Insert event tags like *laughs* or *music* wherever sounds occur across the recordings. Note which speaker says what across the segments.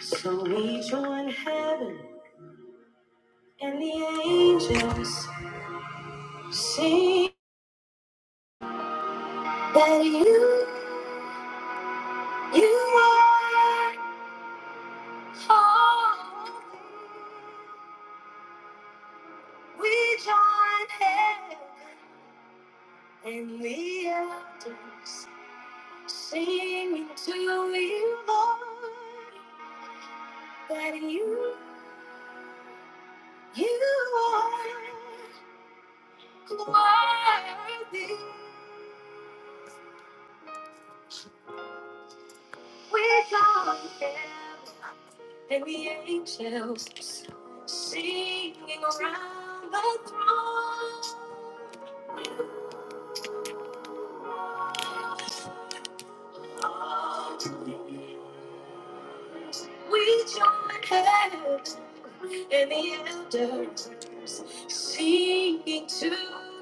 Speaker 1: So we join heaven and the angels sing that you, you are holy. We join heaven and the elders singing to you, Lord, that you, you are worthy. We join heaven and the angels singing around the throne. We join hands and the elders singing to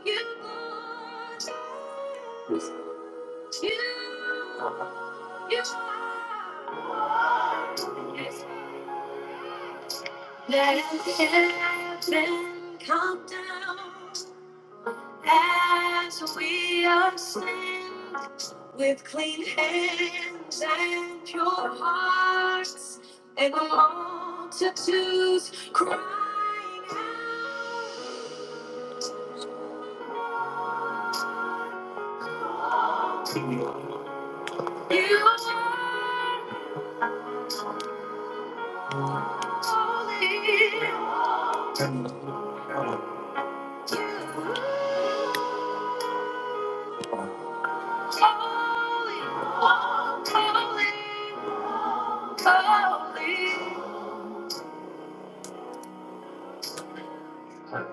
Speaker 1: you, Lord. You, you are. Yes. Let heaven come down as we ascend with clean hands and pure hearts, and the multitudes crying out, You are holy. You are holy, holy, holy.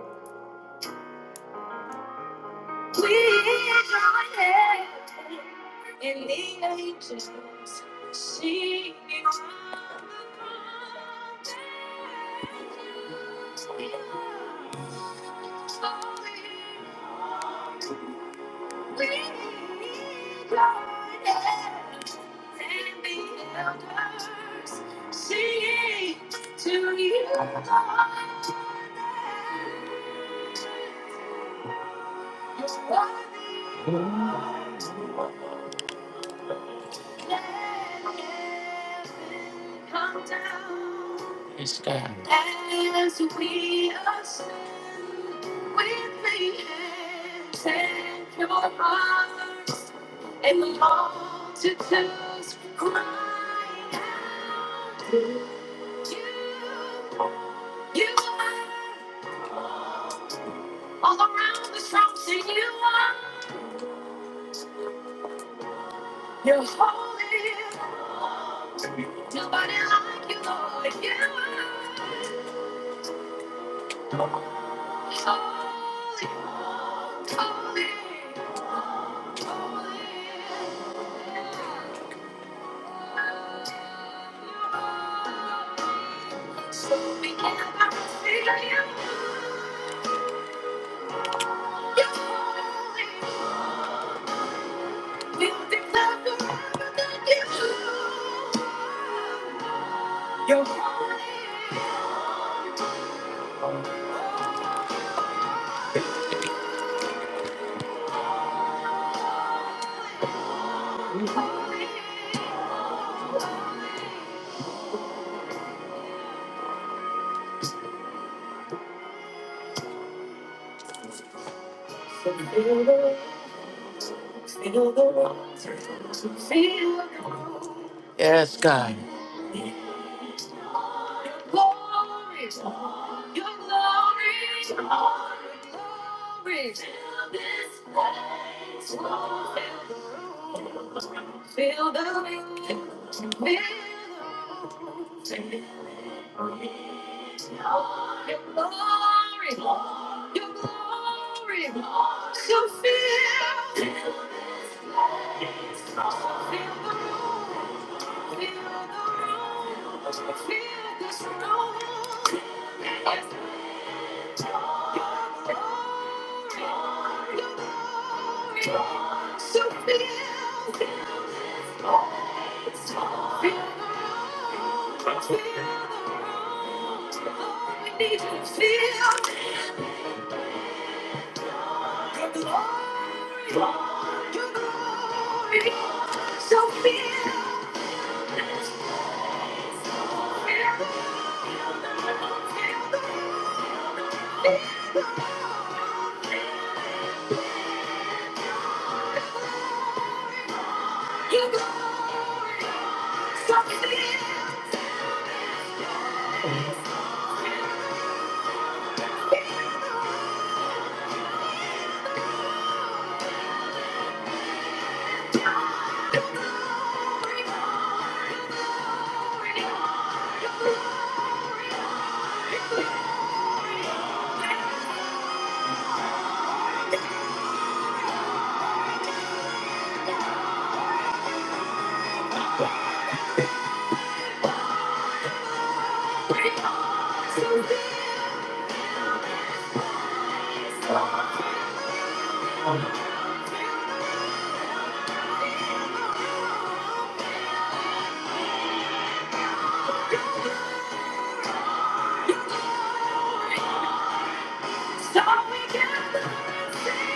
Speaker 1: We join heaven and the angels singing on the mountains. We join heaven and the elders singing to you, Lord. Yes, God. As we ascend with the hands and your hearts, and the multitudes cry out, you, you are all All around the room, sing you are. You're holy. Nobody like you, Lord. You are holy, holy, holy. So we can never feel you. You're holy. We declare forever that you. Feel the feel the feel the glory, your glory, your glory. Feel this place, feel the feel the room, feel the glory, your glory, your glory. So feel. So feel, feel, feel the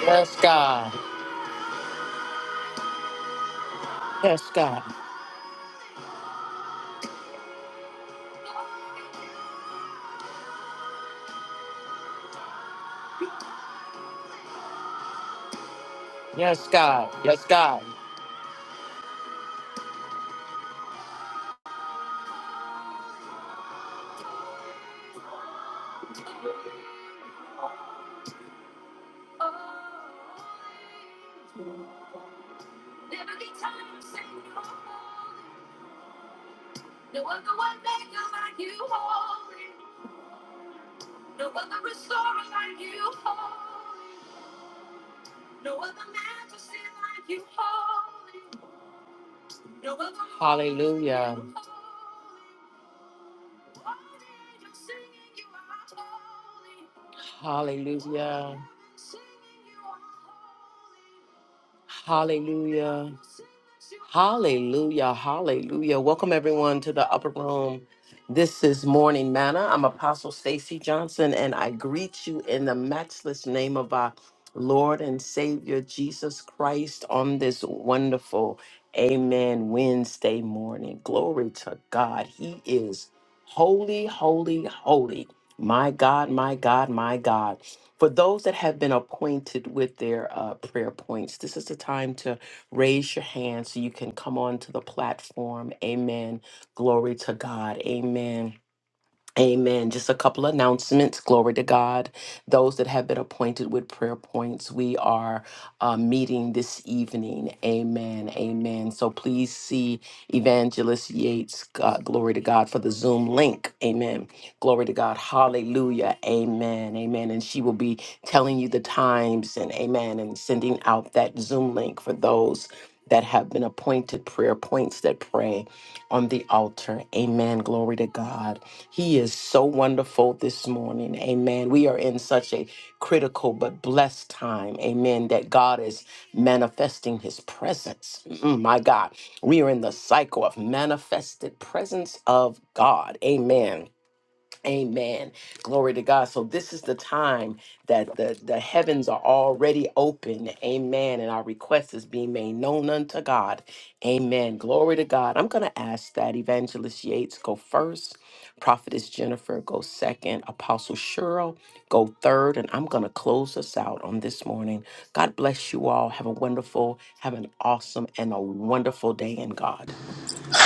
Speaker 1: Yes, God. Yes, God. Yes, God. Yes, God. Hallelujah. Hallelujah. Hallelujah. Hallelujah. Hallelujah. Welcome everyone to the upper room. This is Morning Manna. I'm Apostle Stacy Johnson and I greet you in the matchless name of our Lord and Savior Jesus Christ on this wonderful Amen Wednesday morning. Glory to God. He is holy, holy, holy. My God, my God, my God. For those that have been appointed with their uh, prayer points, this is the time to raise your hand so you can come onto the platform. Amen. Glory to God. Amen Amen. Just a couple announcements. Glory to God. Those that have been appointed with prayer points, we are uh, meeting this evening. Amen. Amen. So please see Evangelist Yates. Uh, glory to God for the Zoom link. Amen. Glory to God. Hallelujah. Amen. Amen. And she will be telling you the times and amen and sending out that Zoom link for those that have been appointed prayer points that pray on the altar. Amen. Glory to God. He is so wonderful this morning. Amen. We are in such a critical but blessed time. Amen. That God is manifesting his presence. Mm, my God. We are in the cycle of manifested presence of God. Amen. Amen. Glory to God. So this is the time that the, the heavens are already open. Amen. And our request is being made known unto God. Amen. Glory to God. I'm going to ask that Evangelist Yates go first, Prophetess Jennifer go second, Apostle Cheryl go third, and I'm going to close us out on this morning. God bless you all. Have a wonderful, have an awesome, and a wonderful day in God.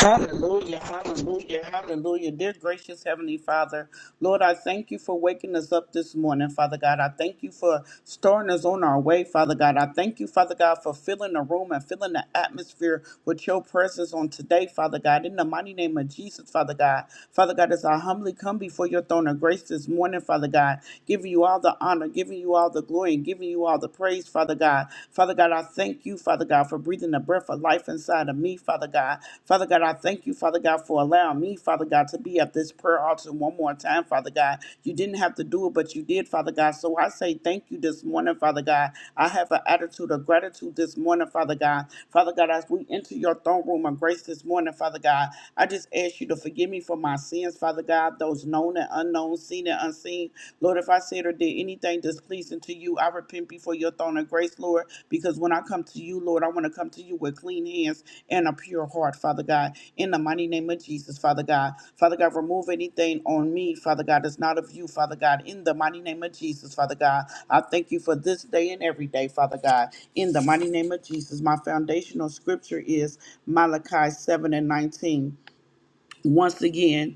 Speaker 2: Hallelujah, hallelujah, hallelujah. Dear gracious Heavenly Father, Lord, I thank you for waking us up this morning, Father God. I thank you for starting us on our way, Father God. I thank you, Father God, for filling the room and filling the atmosphere with your presence on today, Father God. In the mighty name of Jesus, Father God. Father God, as I humbly come before your throne of grace this morning, Father God, giving you all the honor, giving you all the glory, and giving you all the praise, Father God. Father God, I thank you, Father God, for breathing the breath of life inside of me, Father God. Father God, I thank you, Father God, for allowing me, Father God, to be at this prayer altar one more time, Father God. You didn't have to do it, but you did, Father God. So I say thank you this morning, Father God. I have an attitude of gratitude this morning, Father God. Father God, as we enter your throne room of grace this morning, Father God, I just ask you to forgive me for my sins, Father God, those known and unknown, seen and unseen. Lord, if I said or did anything displeasing to you, I repent before your throne of grace, Lord, because when I come to you, Lord, I want to come to you with clean hands and a pure heart, Father God, in the mighty name of Jesus, Father God. Father God, remove anything on me, Father God, that's not of you, Father God, in the mighty name of Jesus, Father God. I thank you for this day and every day, Father God, in the mighty name of Jesus. My foundational scripture is Malachi 7 and 19. Once again,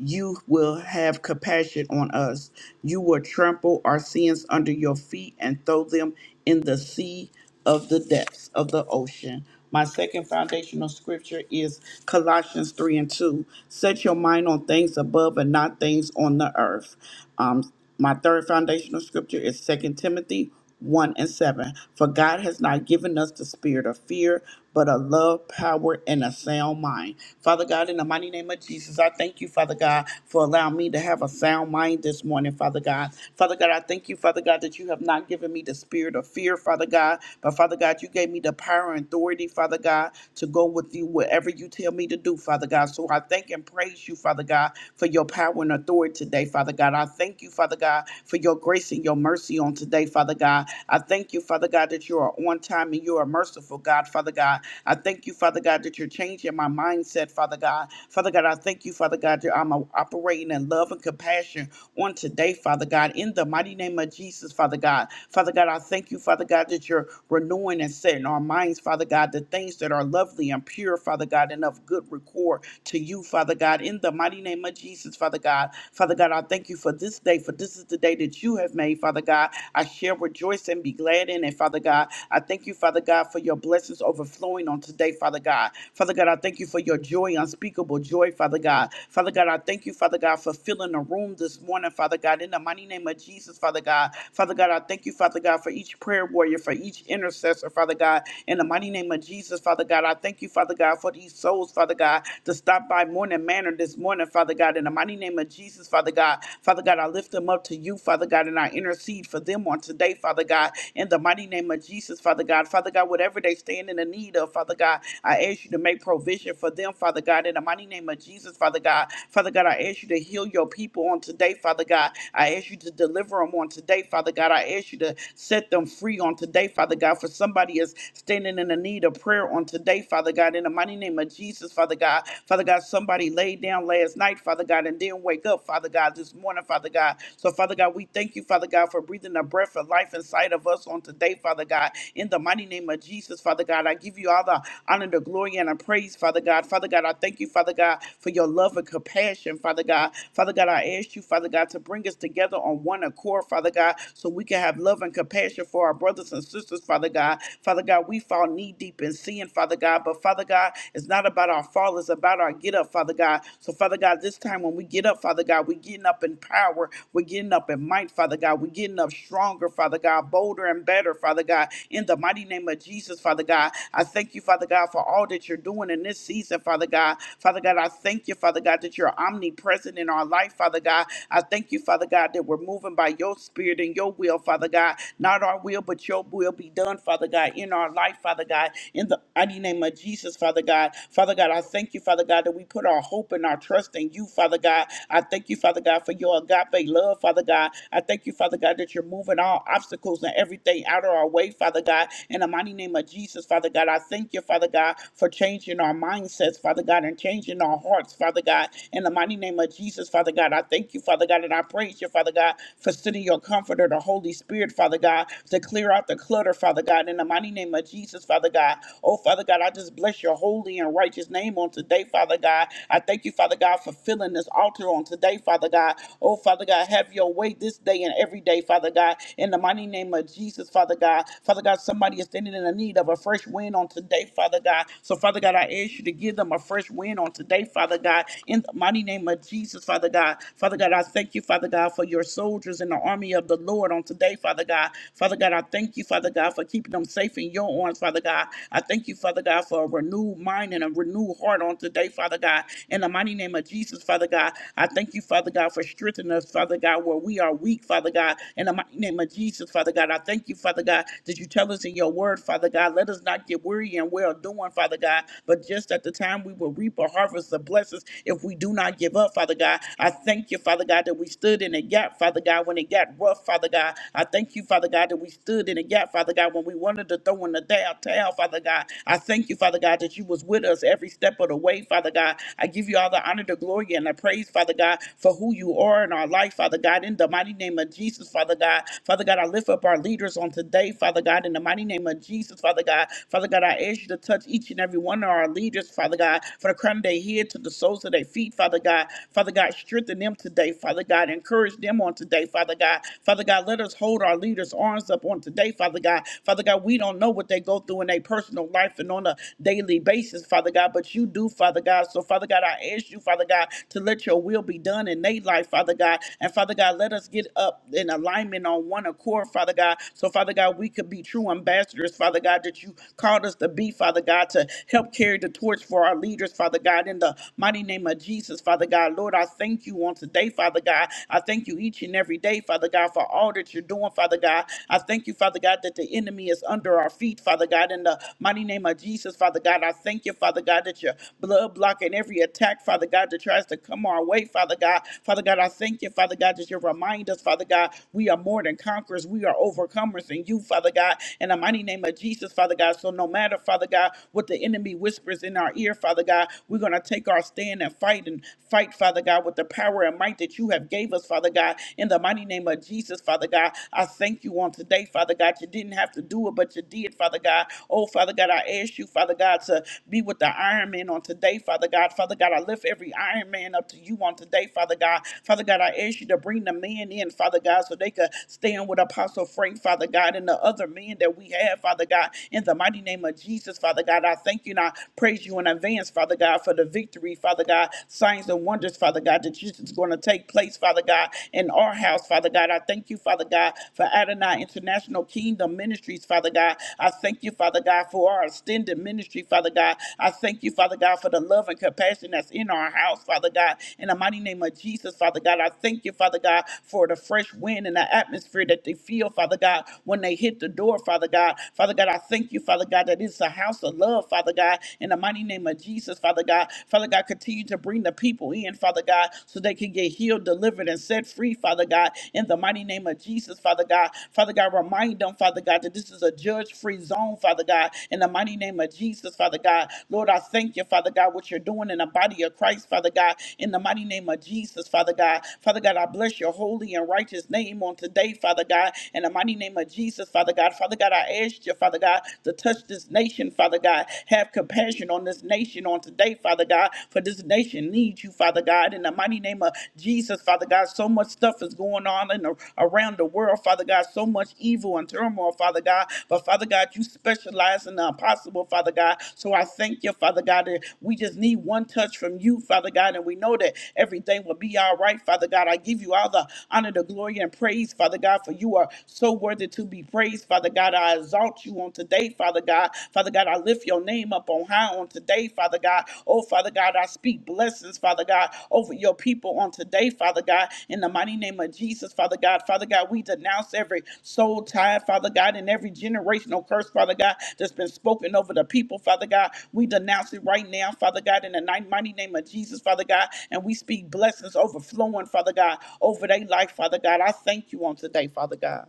Speaker 2: you will have compassion on us. You will trample our sins under your feet and throw them in the sea of the depths of the ocean. My second foundational scripture is Colossians 3 and 2. Set your mind on things above and not things on the earth. Um, my third foundational scripture is Second Timothy 1 and 7. For God has not given us the spirit of fear, but a love, power, and a sound mind. Father God, in the mighty name of Jesus, I thank you, Father God, for allowing me to have a sound mind this morning, Father God. Father God, I thank you, Father God, that you have not given me the spirit of fear, Father God, but Father God, you gave me the power and authority, Father God, to go with you wherever you tell me to do, Father God. So I thank and praise you, Father God, for your power and authority today, Father God. I thank you, Father God, for your grace and your mercy on today, Father God. I thank you, Father God, that you are on time and you are merciful, God, Father God. I thank you, Father God, that you're changing my mindset, Father God. Father God, I thank you, Father God, that I'm uh, operating in love and compassion on today, Father God, in the mighty name of Jesus, Father God. Father God, I thank you, Father God, that you're renewing and setting our minds, Father God, the things that are lovely and pure, Father God, and of good record to you, Father God, in the mighty name name of Jesus, Father God. Father God, I thank you for this day, for this is the day that you have made, Father God. I shall rejoice and be glad in it, Father God. I thank you, Father God, for your blessings overflowing on today, Father God. Father God, I thank you for your joy, unspeakable joy, Father God. Father God, I thank you, Father God, for filling the room this morning, Father God, in the mighty name of Jesus, Father God. Father God, I thank you, Father God, for each prayer warrior, for each intercessor, Father God, in the mighty name of Jesus, Father God. I thank you, Father God, for these souls, Father God, to stop stopped by Morning Manor this morning, Father God, in the mighty name of Jesus, Father God. Father God, I lift them up to you, Father God, and I intercede for them on today, Father God, in the mighty name of Jesus, Father God. Father God, whatever they stand in the need of, Father God, I ask you to make provision for them, Father God, in the mighty name of Jesus, Father God. Father God, I ask you to heal your people on today, Father God. I ask you to deliver them on today, Father God. I ask you to set them free on today, Father God, for somebody is standing in the need of prayer on today, Father God, in the mighty name name of Jesus, Father God. Father God, somebody laid down last night, Father God, and didn't wake up, Father God, this morning, Father God. So, Father God, we thank you, Father God, for breathing a breath of life inside of us on today, Father God. In the mighty name of Jesus, Father God, I give you all the honor, the glory, and the praise, Father God. Father God, I thank you, Father God, for your love and compassion, Father God. Father God, I ask you, Father God, to bring us together on one accord, Father God, so we can have love and compassion for our brothers and sisters, Father God. Father God, we fall knee deep in sin seeing, Father God. But Father God, it's not about our fall, it's about our get up, Father God. So, Father God, this time when we get up, Father God, we're getting up in power, we're getting up in might, Father God. We're getting up stronger, Father God, bolder and better, Father God. In the mighty name of Jesus, Father God, I thank you, Father God, for all that you're doing in this season, Father God. Father God, I thank you, Father God, that you're omnipresent in our life, Father God. I thank you, Father God, that we're moving by your spirit and your will, Father God. Not our will, but your will be done, Father God in our life, Father God, in the mighty name of Jesus, Father God. Father God, I thank you, Father God, that we put our hope and our trust in you, Father God. I thank you, Father God, for your agape love, Father God. I thank you, Father God, that you're moving all obstacles and everything out of our way, Father God. In the mighty name of Jesus, Father God, I thank you, Father God, for changing our mindsets, Father God, and changing our hearts, Father God. In the mighty name of Jesus, Father God, I thank you, Father God, and I praise you, Father God, for sending your comforter, the Holy Spirit, Father God, to clear out the clutter, Father God, in the mighty name of Jesus, Father God. Oh, Father God, I just bless your holy and righteous name on today, Father God. I thank you, Father God, for filling this altar on today, Father God. Oh, Father God, have your way this day and every day, Father God, in the mighty name of Jesus, Father God. Father God, somebody is standing in the need of a fresh wind on today, Father God. So, Father God, I ask you to give them a fresh wind on today, Father God, in the mighty name of Jesus, Father God. Father God, I thank you, Father God, for your soldiers in the army of the Lord on today today, Father God. Father God, I thank you, Father God, for keeping them safe in your arms, Father God. I thank you, Father God, for a renewed mind and a renewed heart on today, Father God. In the mighty name of Jesus, Father God, I thank you, Father God, for strengthening us, Father God, where we are weak, Father God. In the mighty name of Jesus, Father God, I thank you, Father God, that you tell us in your word, Father God, let us not get weary and well doing, Father God, but just at the time we will reap a harvest of blessings if we do not give up, Father God. I thank you, Father God, that we stood in a gap, Father God. God, when it got rough, Father God. I thank you, Father God, that we stood in the gap, Father God, when we wanted to throw in the towel, towel, Father God. I thank you, Father God, that you was with us every step of the way, Father God. I give you all the honor, the glory, and the praise, Father God, for who you are in our life, Father God. In the mighty name of Jesus, Father God. Father God, I lift up our leaders on today, Father God, in the mighty name of Jesus, Father God. Father God, I ask you to touch each and every one of our leaders, Father God, for the crown of their head to the soles of their feet, Father God. Father God, strengthen them today, Father God. Encourage them on today, Father God. Father God, let us hold our leaders' arms up on today, Father God. Father God, we don't know what they go through in their personal life and on a daily basis, Father God, but you do, Father God. So, Father God, I ask you, Father God, to let your will be done in their life, Father God. And Father God, let us get up in alignment on one accord, Father God. So, Father God, we could be true ambassadors, Father God, that you called us to be, Father God, to help carry the torch for our leaders, Father God, in the mighty name of Jesus, Father God. Lord, I thank you on today, Father God. I thank you each and every day, Father God, for all that you're doing, Father God. I thank you, Father God, that the enemy is under our feet, Father God. In the mighty name of Jesus, Father God, I thank you, Father God, that your blood blocking every attack, Father God, that tries to come our way, Father God. Father God, I thank you, Father God, that you remind us, Father God, we are more than conquerors. We are overcomers in you, Father God. In the mighty name of Jesus, Father God. So no matter, Father God, what the enemy whispers in our ear, Father God, we're going to take our our stand and fight and fight, Father God, with the power and might that you have gave us, Father God, in the mighty name of Jesus, Father God. I thank you on today, Father God. You didn't have to do it, but you did, Father God. Oh, Father God, I ask you, Father God, to be with the Iron Man on today, Father God. Father God, I lift every Iron Man up to you on today, Father God. Father God, I ask you to bring the men in, Father God, so they could stand with Apostle Frank, Father God, and the other men that we have, Father God, in the mighty name of Jesus, Father God. I thank you and I praise you and I in advance, Father God, for the victory, Father God, signs and wonders, Father God, that is going to take place, Father God, in our house, Father God. I thank you, Father God, for Adonai International Kingdom Ministries, Father God. I thank you, Father God, for our extended ministry, Father God. I thank you, Father God, for the love and compassion that's in our house, Father God. In the mighty name of Jesus, Father God, I thank you, Father God, for the fresh wind and the atmosphere that they feel, Father God, when they hit the door, Father God. Father God, I thank you, Father God, that it's a house of love love, Father God, in the mighty name of Jesus, Father God. Father God, continue to bring the people in, Father God, so they can get healed, delivered, and set free, Father God, in the mighty name of Jesus, Father God. Father God, remind them, Father God, that this is a judge free zone, Father God, in the mighty name of Jesus, Father God. Lord, I thank you, Father God, what you're doing in the body of Christ, Father God, in the mighty name of Jesus, Father God. Father God, I bless your holy and righteous name on today, Father God, in the mighty name of Jesus, Father God. Father God, I ask you, Father God, to touch this nation, Father God. Have compassion on this nation on today, Father God, for this nation needs you, Father God. In the mighty name of Jesus, Father God, so much stuff is going on in the, around the world, Father God, so much evil and turmoil, Father God. But Father God, you specialize in the impossible, Father God. So I thank you, Father God, that we just need one touch from you, Father God, and we know that everything will be all right, Father God. I give you all the honor, the glory, and praise, Father God, for you are so worthy to be praised, Father. Father God. I exalt you on today, Father God. Father God, I lift your name up on high on today, Father God. Oh, Father God, I speak blessings, Father God, over your people on today, Father God. In the mighty name of Jesus, Father God. Father God, we denounce every soul tie, Father God, and every generational curse, Father God, that's been spoken over the people, Father God. We denounce it right now, Father God, in the ni- mighty name of Jesus, Father God. And we speak blessings overflowing, Father God, over their life, Father God. I thank you on today, Father God.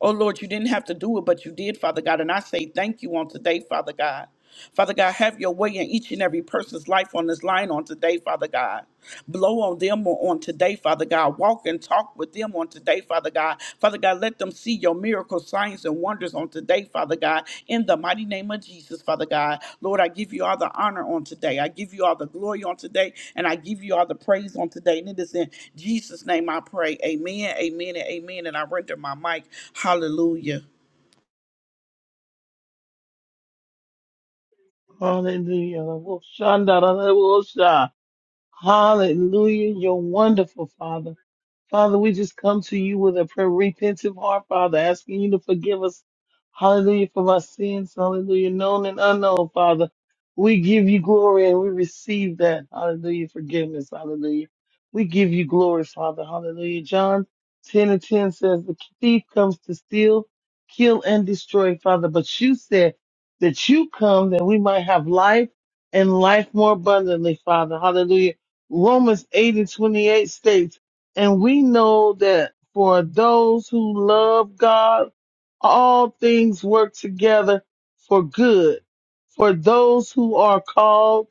Speaker 2: Oh Lord, you didn't have to do it, but you did, Father God. And I say thank you on today, Father God. Father God, have your way in each and every person's life on this line on today, Father God. Blow on them on today, Father God. Walk and talk with them on today, Father God. Father God, let them see your miracles signs and wonders on today, Father God, in the mighty name of Jesus, Father God. Lord, I give you all the honor on today. I give you all the glory on today, and I give you all the praise on today. And it is in Jesus' name I pray. Amen, amen, and amen. And I render my mic. Hallelujah.
Speaker 3: Hallelujah. Shandarabosha. Hallelujah. You're wonderful, Father. Father, we just come to you with a prayer, repentant heart, Father, asking you to forgive us, hallelujah, for our sins, hallelujah, known and unknown, Father. We give you glory and we receive that, hallelujah, forgiveness, hallelujah. We give you glory, Father, hallelujah. John 10 and 10 says, The thief comes to steal, kill, and destroy, Father. But you said that you come that we might have life and life more abundantly, Father, hallelujah. Romans 8 and 28 states, and we know that for those who love God, all things work together for good, for those who are called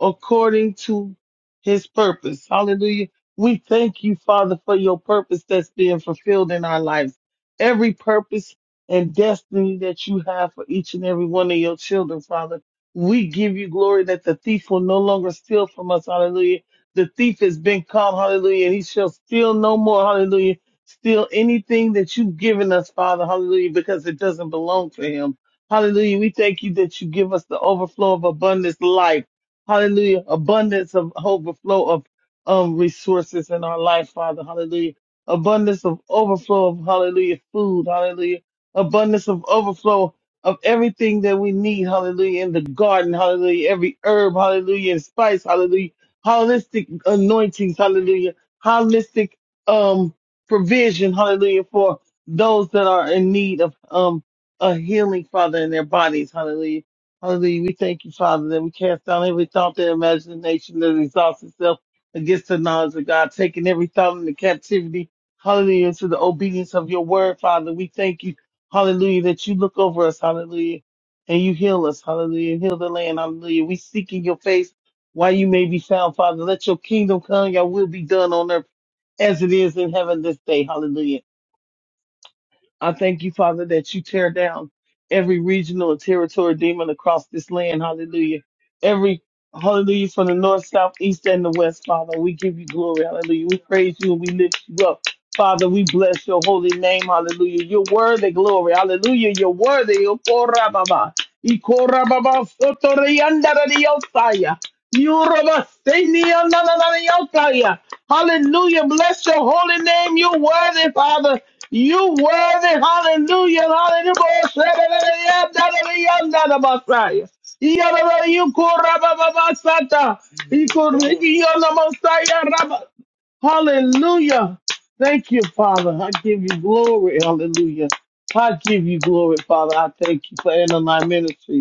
Speaker 3: according to his purpose. Hallelujah. We thank you, Father, for your purpose that's being fulfilled in our lives. Every purpose and destiny that you have for each and every one of your children, Father. We give you glory that the thief will no longer steal from us. Hallelujah the thief has been caught, hallelujah, and he shall steal no more, hallelujah. Steal anything that you've given us, Father, hallelujah, because it doesn't belong to him. Hallelujah. We thank you that you give us the overflow of abundance life. Hallelujah. Abundance of overflow of um, resources in our life, Father. Hallelujah. Abundance of overflow of hallelujah food. Hallelujah. Abundance of overflow of everything that we need. Hallelujah. In the garden. Hallelujah. Every herb. Hallelujah. And spice. Hallelujah holistic anointings, hallelujah, holistic um provision, hallelujah, for those that are in need of um a healing, Father, in their bodies, hallelujah. Hallelujah. We thank you, Father, that we cast down every thought and imagination that exalts itself against the knowledge of God, taking every thought into captivity, hallelujah, to the obedience of your word, Father. We thank you, hallelujah, that you look over us, hallelujah, and you heal us, hallelujah, and heal the land, hallelujah. We seek in your face while you may be found, Father. Let your kingdom come, your will be done on earth as it is in heaven this day. Hallelujah. I thank you, Father, that you tear down every regional and territory demon across this land. Hallelujah. Every hallelujah from the north, south, east, and the west, Father. We give you glory. Hallelujah. We praise you and we lift you up. Father, we bless your holy name. Hallelujah. You're worthy, glory. Hallelujah. You're worthy. Okora baba. Ikora baba. Sotori andara diosaya. Yoruba Sydney, na, na, Hallelujah. Bless your holy name. You're worthy, Father. You worthy, hallelujah, hallelujah, hallelujah. Hallelujah. Thank you, Father. I give you glory. Hallelujah. I give you glory, Father. I thank you for NLI Ministries.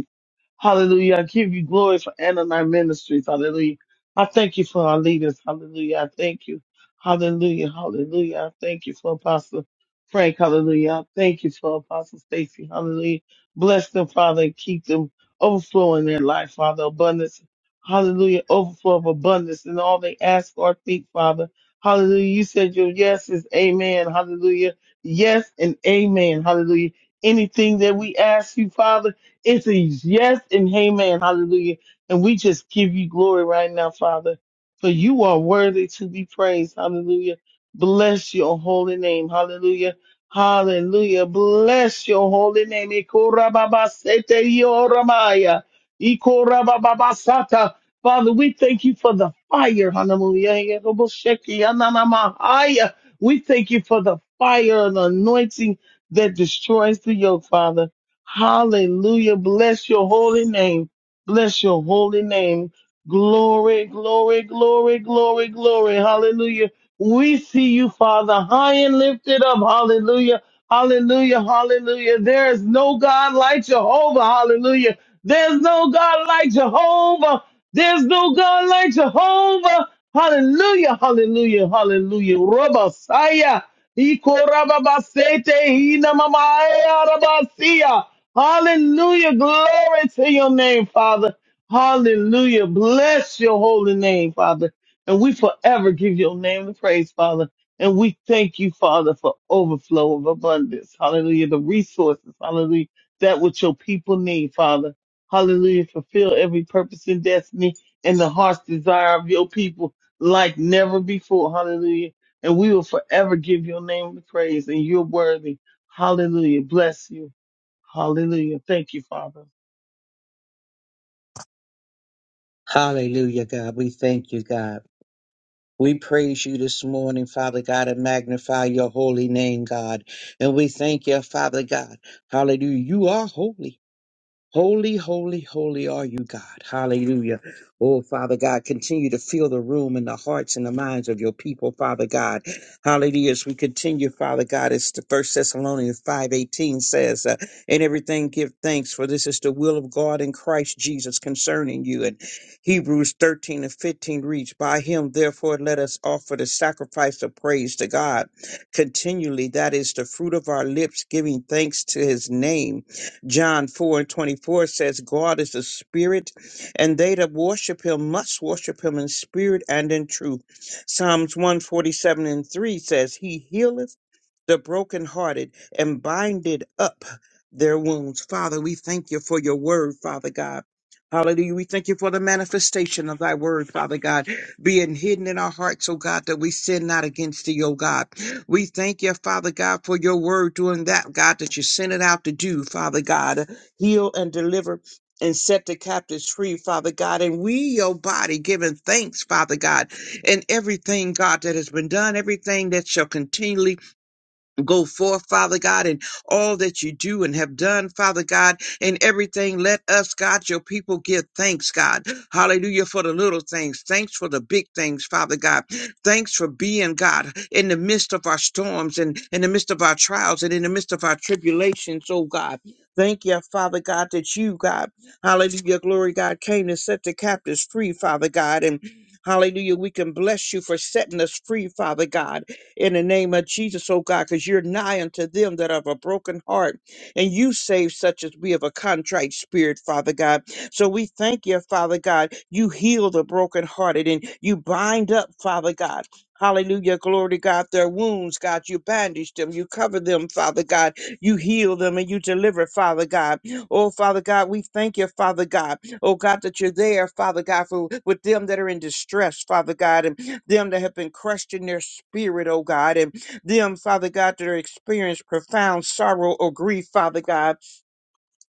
Speaker 3: Hallelujah. I give you glory for Ananai Ministries. Hallelujah. I thank you for our leaders. Hallelujah. I thank you. Hallelujah. Hallelujah. I thank you for Apostle Frank. Hallelujah. I thank you for Apostle Stacy. Hallelujah. Bless them, Father, and keep them overflowing their life, Father. Abundance. Hallelujah. Overflow of abundance in all they ask or think, Father. Hallelujah. You said your yes is amen. Hallelujah. Yes and amen. Hallelujah. Anything that we ask you, Father. It's a yes and amen. Hallelujah. And we just give you glory right now, Father, for you are worthy to be praised. Hallelujah. Bless your holy name. Hallelujah. Hallelujah. Bless your holy name. Ikorababasete yoramaya. Ikorababasata. Father, we thank you for the fire. Hallelujah. Yerobosheki ananamahaya. We thank you for the fire and anointing that destroys the yoke, Father. Hallelujah. Bless your holy name. Bless your holy name. Glory, glory, glory, glory, glory. Hallelujah. We see you, Father, high and lifted up. Hallelujah. Hallelujah. Hallelujah. There is no God like Jehovah. Hallelujah. There's no God like Jehovah. There's no God like Jehovah. Hallelujah. Hallelujah. Hallelujah. Rabasaya. Ikorababasete. Inamamaya. Rabasia. Hallelujah. Glory to your name, Father. Hallelujah. Bless your holy name, Father. And we forever give your name the praise, Father. And we thank you, Father, for overflow of abundance. Hallelujah. The resources, hallelujah, that which your people need, Father. Hallelujah. Fulfill every purpose and destiny and the heart's desire of your people like never before. Hallelujah. And we will forever give your name the praise and you're worthy. Hallelujah. Bless you. Hallelujah. Thank you, Father.
Speaker 4: Hallelujah, God. We thank you, God. We praise you this morning, Father God, and magnify your holy name, God. And we thank you, Father God. Hallelujah. You are holy. Holy, holy, holy are you, God. Hallelujah. Oh, Father God, continue to fill the room in the hearts and the minds of your people, Father God. Hallelujah. As we continue, Father God, as the First Thessalonians 5.18 says, uh, in everything give thanks, for this is the will of God in Christ Jesus concerning you. And Hebrews 13 and 15 reads, By him, therefore, let us offer the sacrifice of praise to God continually. That is the fruit of our lips, giving thanks to his name. John 4 and 24 says, God is a spirit, and they that worship him must worship him in spirit and in truth. Psalms 147 and 3 says, He healeth the brokenhearted and binded up their wounds. Father, we thank you for your word, Father God. Hallelujah. We thank you for the manifestation of thy word, Father God, being hidden in our hearts, O God, that we sin not against thee, O God. We thank you, Father God, for your word doing that, God, that you sent it out to do, Father God. Heal and deliver and set the captives free, Father God. And we, your body, giving thanks, Father God, and everything, God, that has been done, everything that shall continually go forth, Father God, in all that you do and have done, Father God, in everything. Let us, God, your people give thanks, God. Hallelujah for the little things. Thanks for the big things, Father God. Thanks for being, God, in the midst of our storms and in the midst of our trials and in the midst of our tribulations, oh God. Thank you, Father God, that you, God, hallelujah, glory, God, came to set the captives free, Father God. And hallelujah, we can bless you for setting us free, Father God in the name of Jesus, oh God, because you're nigh unto them that have a broken heart, and you save such as we have a contrite spirit, Father God. So we thank you, Father God. You heal the brokenhearted and you bind up, Father God. Hallelujah, glory to God. Their wounds, God, you bandage them, you cover them, Father God. You heal them and you deliver, Father God. Oh, Father God, we thank you, Father God oh God, that you're there, Father God, for with them that are in distress, Father God, and them that have been crushed in their spirit, oh God, and them, Father God, that are experienced profound sorrow or grief, Father God.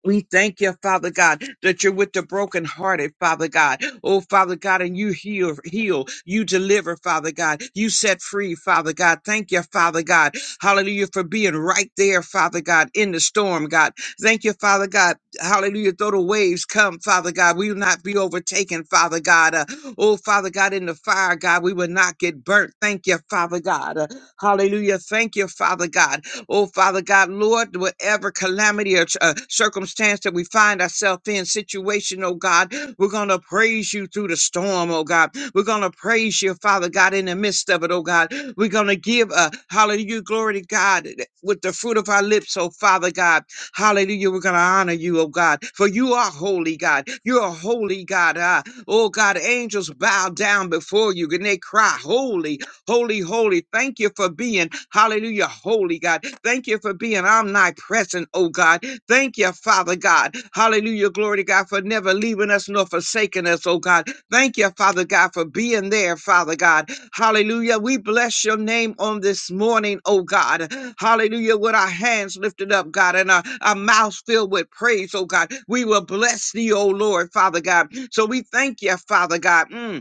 Speaker 4: We thank you, Father God, that you're with the brokenhearted, Father God. Oh, Father God, and you heal, heal, you deliver, Father God. You set free, Father God. Thank you, Father God. Hallelujah for being right there, Father God, in the storm, God. Thank you, Father God. Hallelujah. Though the waves come, Father God, we will not be overtaken, Father God. Uh, oh, Father God, in the fire, God, we will not get burnt. Thank you, Father God. Uh, hallelujah. Thank you, Father God. Oh, Father God, Lord, whatever calamity or uh, circumstance that we find ourselves in, situation, oh God, we're going to praise you through the storm, oh God. We're going to praise you, Father God, in the midst of it, oh God. We're going to give a hallelujah, glory to God eh, with the fruit of our lips, oh Father God. Hallelujah. We're going to honor you, oh God, for you are holy, God. You're a holy God. ah. oh God, angels bow down before you and they cry, Holy, Holy, holy, thank you for being, hallelujah, holy God. Thank you for being omnipresent, oh God. Thank you, Father God. Hallelujah, glory to God, for never leaving us nor forsaking us, oh God. Thank you, Father God, for being there, Father God. Hallelujah. We bless your name on this morning, oh God. Hallelujah. With our hands lifted up, God, and our, our mouths filled with praise, oh God. We will bless thee, oh Lord, Father God. So we thank you, Father God. Mm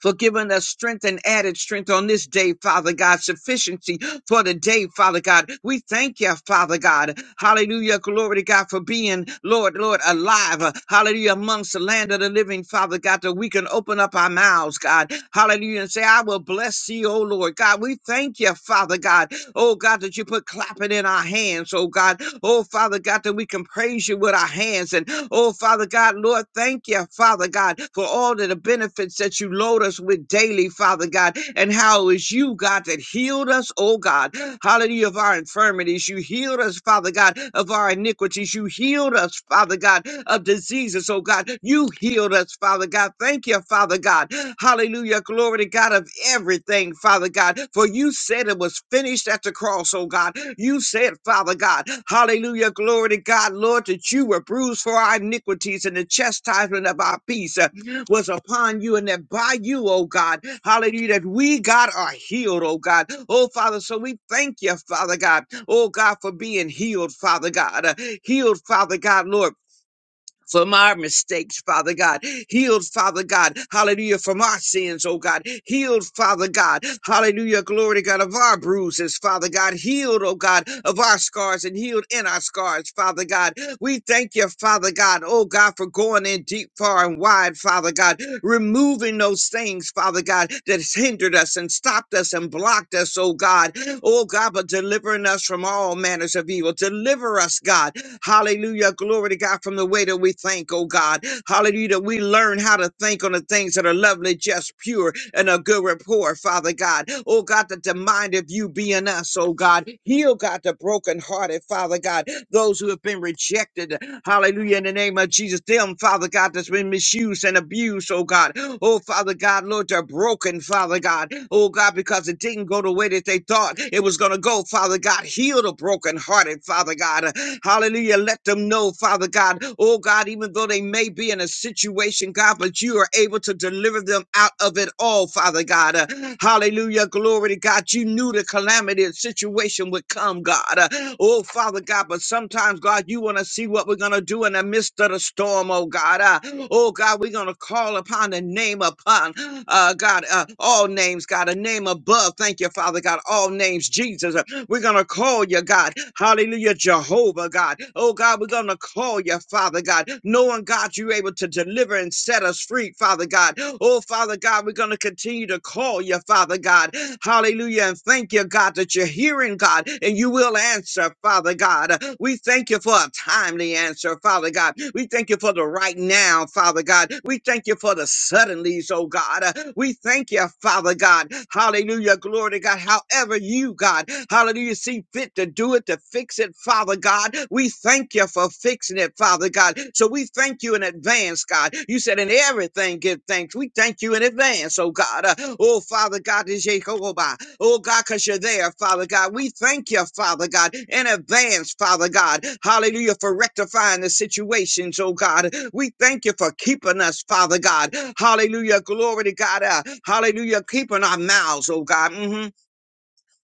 Speaker 4: for giving us strength and added strength on this day, Father God, sufficiency for the day, Father God. We thank you, Father God. Hallelujah. Glory to God for being, Lord, Lord, alive. Uh, Hallelujah. Amongst the land of the living, Father God, that we can open up our mouths, God. Hallelujah. And say, I will bless thee, O Lord. God, we thank you, Father God. Oh God, that you put clapping in our hands, oh God. Oh Father God, that we can praise you with our hands. And oh Father God, Lord, thank you, Father God, for all of the benefits that you load us with daily, Father God, and how it is you, God, that healed us, oh God. Hallelujah infirmity of our infirmities. You healed us, Father God, of our iniquities. You healed us, Father God, of diseases, oh God. You healed us, Father God. Thank you, Father God. Hallelujah. Glory to God of everything, Father God. For you said it was finished at the cross, oh God. You said, Father God, hallelujah. Glory to God, Lord, that you were bruised for our iniquities and the chastisement of our peace was upon you and that by you, oh God, hallelujah, that we, God, are healed, oh God. Oh Father, so we thank you, Father God, oh God, for being healed, Father God, uh, healed, Father God, Lord from our mistakes, Father God. Healed, Father God. Hallelujah. From our sins, oh God. Healed, Father God. Hallelujah. Glory to God of our bruises, Father God. Healed, oh God, of our scars and healed in our scars, Father God. We thank you, Father God, oh God, for going in deep, far, and wide, Father God. Removing those things, Father God, that has hindered us and stopped us and blocked us, oh God. Oh God, but delivering us from all manners of evil. Deliver us, God. Hallelujah. Glory to God from the way that we think, oh God. Hallelujah. That we learn how to think on the things that are lovely, just, pure, and a good report, Father God. Oh God, that the mind of you be in us, oh God. Heal, God, the brokenhearted, Father God. Those who have been rejected, hallelujah, in the name of Jesus. Them, Father God, that's been misused and abused, oh God. Oh, Father God, Lord, they're broken, Father God. Oh God, because it didn't go the way that they thought it was going to go, Father God. Heal the brokenhearted, Father. Father God. Hallelujah. Let them know, Father God, oh God, even though they may be in a situation, God, but you are able to deliver them out of it all, Father God. Uh, Hallelujah. Glory to God. You knew the calamity and situation would come, God. Uh, Oh, Father God, but sometimes, God, you want to see what we're going to do in the midst of the storm, oh God. Uh, Oh God, we're going to call upon the name upon, uh, God, uh, all names, God, a name above. Thank you, Father God, all names, Jesus. Uh, We're going to call call you, God. Hallelujah, Jehovah, God. Oh, God, we're going to call you, Father God, knowing, God, you're able to deliver and set us free, Father God. Oh, Father God, we're going to continue to call you, Father God. Hallelujah, and thank you, God, that you're hearing, God, and you will answer, Father God. We thank you for a timely answer, Father God. We thank you for the right now, Father God. We thank you for the suddenlies, oh God. We thank you, Father God. Hallelujah, glory to God. However, you, God. God. Hallelujah. See fit to do it, to fix it, Father God. We thank you for fixing it, Father God. So we thank you in advance, God. You said in everything give thanks. We thank you in advance, oh God. Uh, oh, Father God, this is Jehovah. Oh God, because you're there, Father God. We thank you, Father God, in advance, Father God. Hallelujah, for rectifying the situations, oh God. We thank you for keeping us, Father God. Hallelujah, glory to God. Uh, hallelujah, keeping our mouths, oh God. Mhm.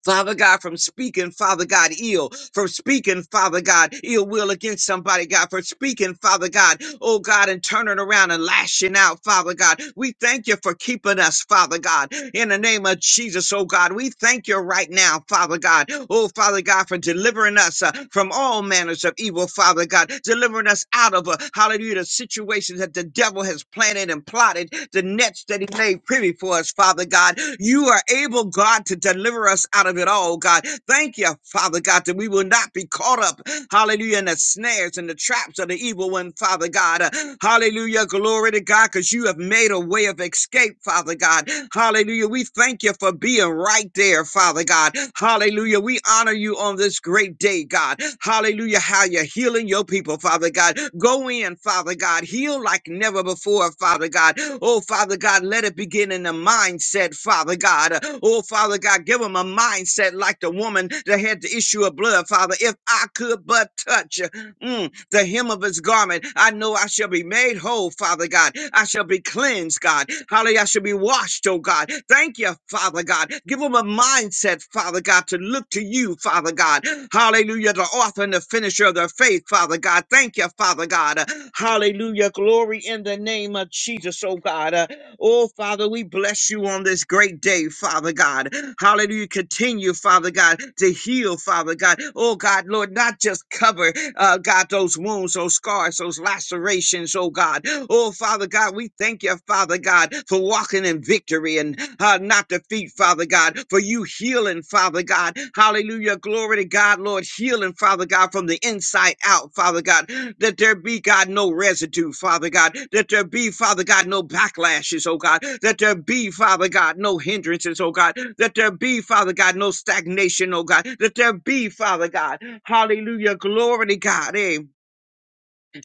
Speaker 4: Father God, from speaking, Father God, ill, from speaking, Father God, ill will against somebody, God, for speaking, Father God, oh God, and turning around and lashing out, Father God. We thank you for keeping us, Father God, in the name of Jesus, oh God. We thank you right now, Father God, oh Father God, for delivering us uh, from all manners of evil, Father God, delivering us out of uh, Hallelujah. The situations that the devil has planted and plotted, the nets that he made privy for us, Father God. You are able, God, to deliver us out of it all, God. Thank you, Father God, that we will not be caught up, hallelujah, in the snares and the traps of the evil one, Father God. Uh, Hallelujah. Glory to God, because you have made a way of escape, Father God. Hallelujah. We thank you you for being right there, Father God. Hallelujah. We honor you on this great day, God. Hallelujah. How you're healing your people, Father God. Go in, Father God. Heal like never before, Father God. Oh, Father God, let it begin in the mindset, Father God. Oh, Father God, give them a mindset like the woman that had the issue of blood, Father. If I could but touch. Mm, the hem of his garment. I know I shall be made whole, Father God. I shall be cleansed, God. Hallelujah. I shall be washed, oh God. Thank you, Father God. Give them a mindset, Father God, to look to you, Father God. Hallelujah. The author and the finisher of their faith, Father God. Thank you, Father God. Hallelujah. Glory in the name of Jesus, oh God. Oh, Father, we bless you on this great day, Father God. Hallelujah. Continue, Father God, to heal, Father God. Oh, God, Lord, not just cover, uh, God, those wounds, those scars, those lacerations, oh, God. Oh, Father God, we thank you, Father God, for walking in victory and uh, not defeat, Father God, for you healing, Father. Father God. Hallelujah. Glory to God, Lord. Healing, Father God, from the inside out, Father God. That there be, God, no residue, Father God. That there be, Father God, no backlashes, oh God. That there be, Father God, no hindrances, oh God. That there be, Father God, no stagnation, oh God. That there be, Father God. Hallelujah. Glory to God. Amen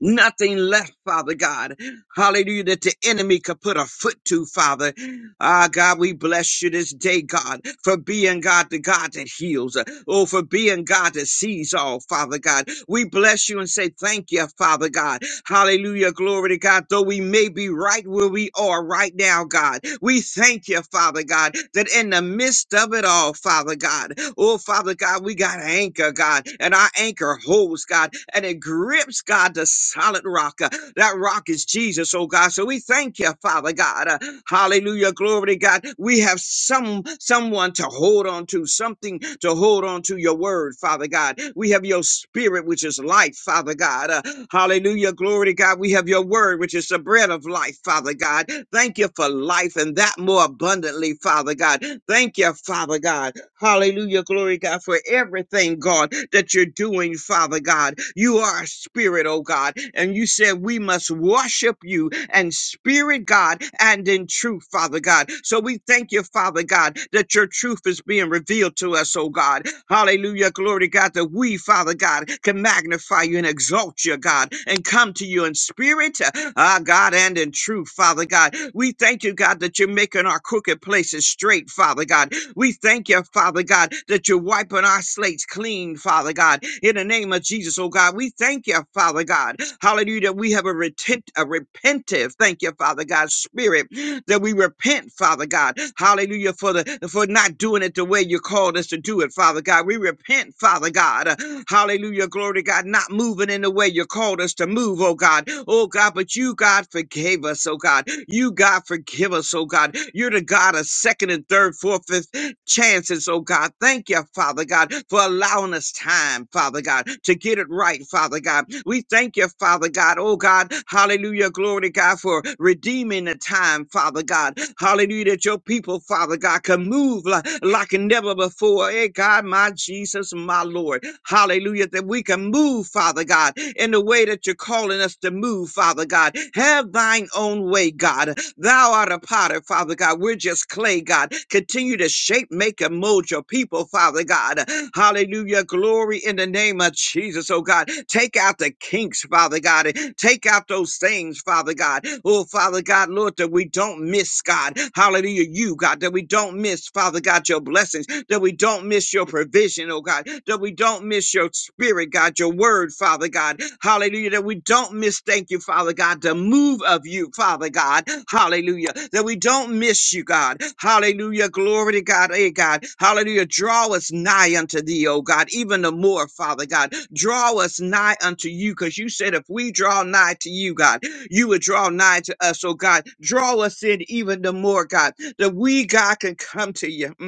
Speaker 4: nothing left, Father God. Hallelujah, that the enemy could put a foot to, Father. Ah, God, we bless you this day, God, for being God, the God that heals. Oh, for being God that sees all, Father God. We bless you and say thank you, Father God. Hallelujah. Glory to God. Though we may be right where we are right now, God, we thank you, Father God, that in the midst of it all, Father God, oh, Father God, we got an anchor, God, and our anchor holds, God, and it grips, God, the solid rock. Uh, That rock is Jesus, oh God. So we thank you, Father God. Uh, Hallelujah. Glory to God. We have some someone to hold on to, something to hold on to your word, Father God. We have your spirit, which is life, Father God. Uh, hallelujah. Glory to God. We have your word, which is the bread of life, Father God. Thank you for life and that more abundantly, Father God. Thank you, Father God. Hallelujah. Glory, God, for everything, God, that you're doing, Father God. You are a spirit, oh God. And you said we must worship you and spirit, God, and in truth, Father God. So we thank you, Father God, that your truth is being revealed to us, oh God. Hallelujah. Glory, God, that we, Father God, can magnify you and exalt you, God, and come to you in spirit, ah, God, and in truth, Father God. We thank you, God, that you're making our crooked places straight, Father God. We thank you, Father God, that you're wiping our slates clean, Father God. In the name of Jesus, oh God, we thank you, Father God. Hallelujah, that we have a, retent, a repentive, thank you, Father God, spirit, that we repent, Father God. Hallelujah, for the for not doing it the way you called us to do it, Father God. We repent, Father God. Uh, Hallelujah, glory to God, not moving in the way you called us to move, oh God. Oh God, but you, God, forgave us, oh God. You, God, forgive us, oh God. You're the God of second and third, fourth, fifth chances, oh God. Thank you, Father God, for allowing us time, Father God, to get it right, Father God. We thank you, Father God, oh God. Hallelujah, glory to God, for redeeming the time, Father God. Hallelujah, that your people, Father God, can move like, like never before. Hey, God, my Jesus, my Lord. Hallelujah, that we can move, Father God, in the way that you're calling us to move, Father God. Have thine own way, God. Thou art a potter, Father God. We're just clay, God. Continue to shape, make, and mold your people, Father God. Hallelujah. Glory in the name of Jesus, oh God. Take out the kinks, Father God. and Take out those things, Father God. Oh, Father God, Lord, that we don't miss, God. Hallelujah. You, God, that we don't miss, Father God, your blessings, that we don't miss your provision vision, oh God, that we don't miss your spirit, God, your word, Father God. Hallelujah. That we don't miss, thank you, Father God, the move of you, Father God. Hallelujah. That we don't miss you, God. Hallelujah. Glory to God. Hey, God. Hallelujah. Draw us nigh unto thee, oh God, even the more, Father God. Draw us nigh unto you, because you said if we draw nigh to you, God, you would draw nigh to us, oh God. Draw us in even the more, God, that we, God, can come to you. Mm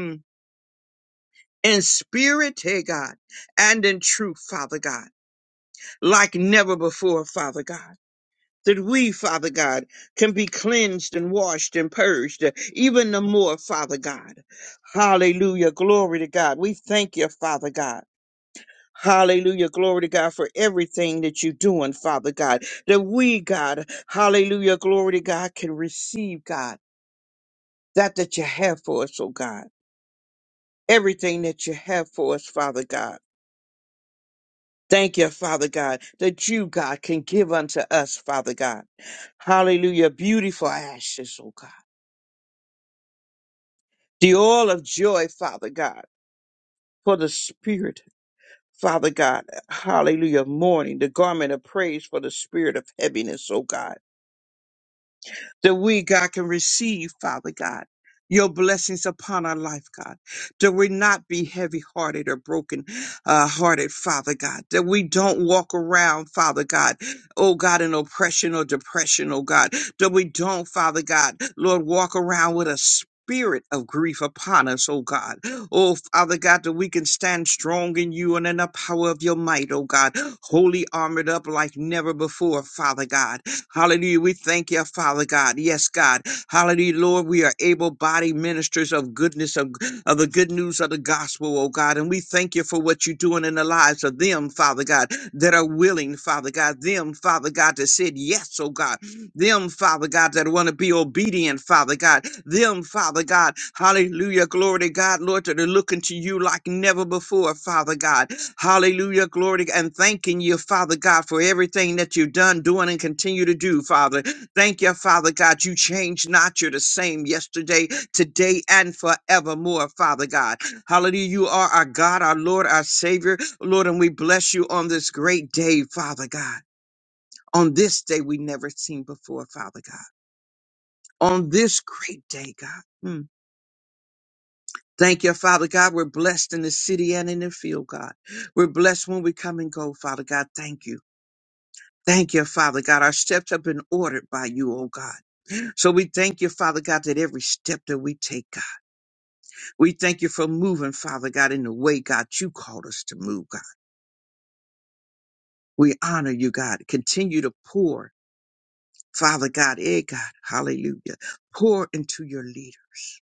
Speaker 4: in spirit, hey God, and in truth, Father God, like never before, Father God. That we, Father God, can be cleansed and washed and purged uh, even the more, Father God. Hallelujah. Glory to God. We thank you, Father God. Hallelujah. Glory to God for everything that you're doing, Father God. That we, God, hallelujah. Glory to God can receive, God, that that you have for us, oh God. Everything that you have for us, Father God. Thank you, Father God, that you, God, can give unto us, Father God. Hallelujah. Beautiful ashes, oh God. The oil of joy, Father God, for the spirit, Father God. Hallelujah. Mourning, the garment of praise for the spirit of heaviness, oh God. that we, God, can receive, Father God, your blessings upon our life, God, that we not be heavy hearted or broken uh, hearted, Father God, that we don't walk around, Father God, oh God, in oppression or depression, oh God, that we don't, Father God, Lord, walk around with a Spirit of grief upon us, oh God. Oh, Father God, that we can stand strong in you and in the power of your might, oh God. Holy armored up like never before, Father God. Hallelujah. We thank you, Father God. Yes, God. Hallelujah, Lord. We are able bodied ministers of goodness, of, of the good news of the gospel, oh God. And we thank you for what you're doing in the lives of them, Father God, that are willing, Father God. Them, Father God, that said yes, oh God. Them, Father God, that want to be obedient, Father God. Them, Father God. Hallelujah. Glory to God, Lord, that are looking to you like never before, Father God. Hallelujah, glory, and thanking you, Father God, for everything that you've done, doing, and continue to do, Father. Thank you, Father God. You change not. You're the same yesterday, today, and forevermore, Father God. Hallelujah. You are our God, our Lord, our Savior, Lord, and we bless you on this great day, Father God. On this day we never seen before, Father God. On this great day, God. Mm. Thank you, Father God. We're blessed in the city and in the field, God. We're blessed when we come and go, Father God. Thank you. Thank you, Father God. Our steps have been ordered by you, oh God. So we thank you, Father God, that every step that we take, God, we thank you for moving, Father God, in the way, God, you called us to move, God. We honor you, God. Continue to pour, Father God, eh, God, hallelujah. Pour into your leaders.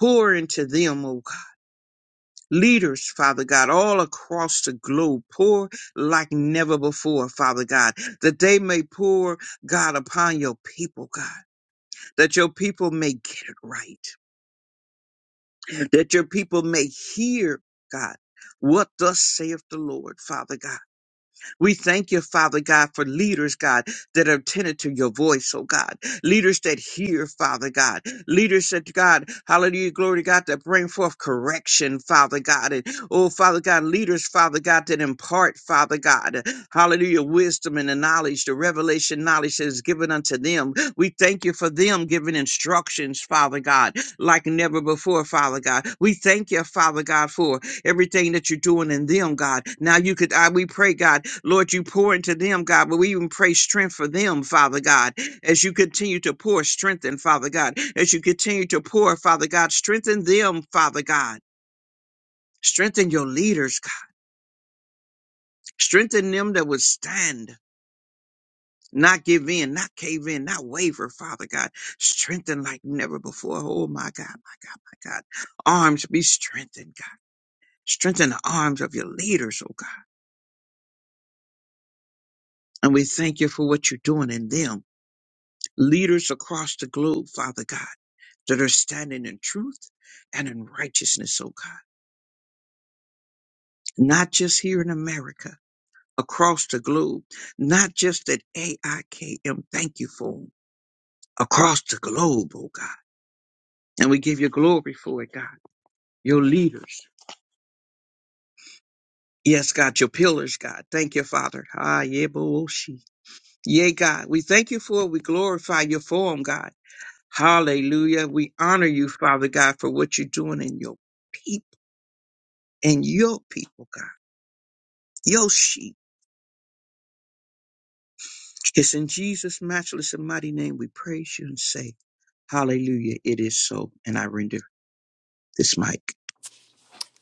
Speaker 4: Pour into them, oh God. Leaders, Father God, all across the globe. Pour like never before, Father God, that they may pour, God, upon your people, God. that your people may get it right, that your people may hear, God, what thus saith the Lord, Father God. We thank you, Father God, for leaders, God, that are attentive to your voice, oh God. Leaders that hear, Father God. Leaders that, God, hallelujah, glory to God, that bring forth correction, Father God. And, oh, Father God, leaders, Father God, that impart, Father God, hallelujah, wisdom and the knowledge, the revelation knowledge that is given unto them. We thank you for them giving instructions, Father God, like never before, Father God. We thank you, Father God, for everything that you're doing in them, God. Now you could, I, we pray, God, Lord, you pour into them, God, but we even pray strength for them, Father God, as you continue to pour strength in, Father God, as you continue to pour, Father God, strengthen them, Father God. Strengthen your leaders, God. Strengthen them that would stand, not give in, not cave in, not waver, Father God. Strengthen like never before. Oh, my God, my God, my God. Arms be strengthened, God. Strengthen the arms of your leaders, oh God. And we thank you for what you're doing in them. Leaders across the globe, Father God, that are standing in truth and in righteousness, oh God. Not just here in America, across the globe, not just at AIKM. Thank you for 'em. Across the globe, oh God. And we give you glory for it, God. Your leaders. Yes, God, your pillars, God. Thank you, Father. Ah, yeah, bo- oh, she. Yea, God. We thank you for it. We glorify you for 'em, God. Hallelujah. We honor you, Father God, for what you're doing in your people, in your people, God, your sheep. It's in Jesus' matchless and mighty name we praise you and say, Hallelujah. It is so. And I render this mic.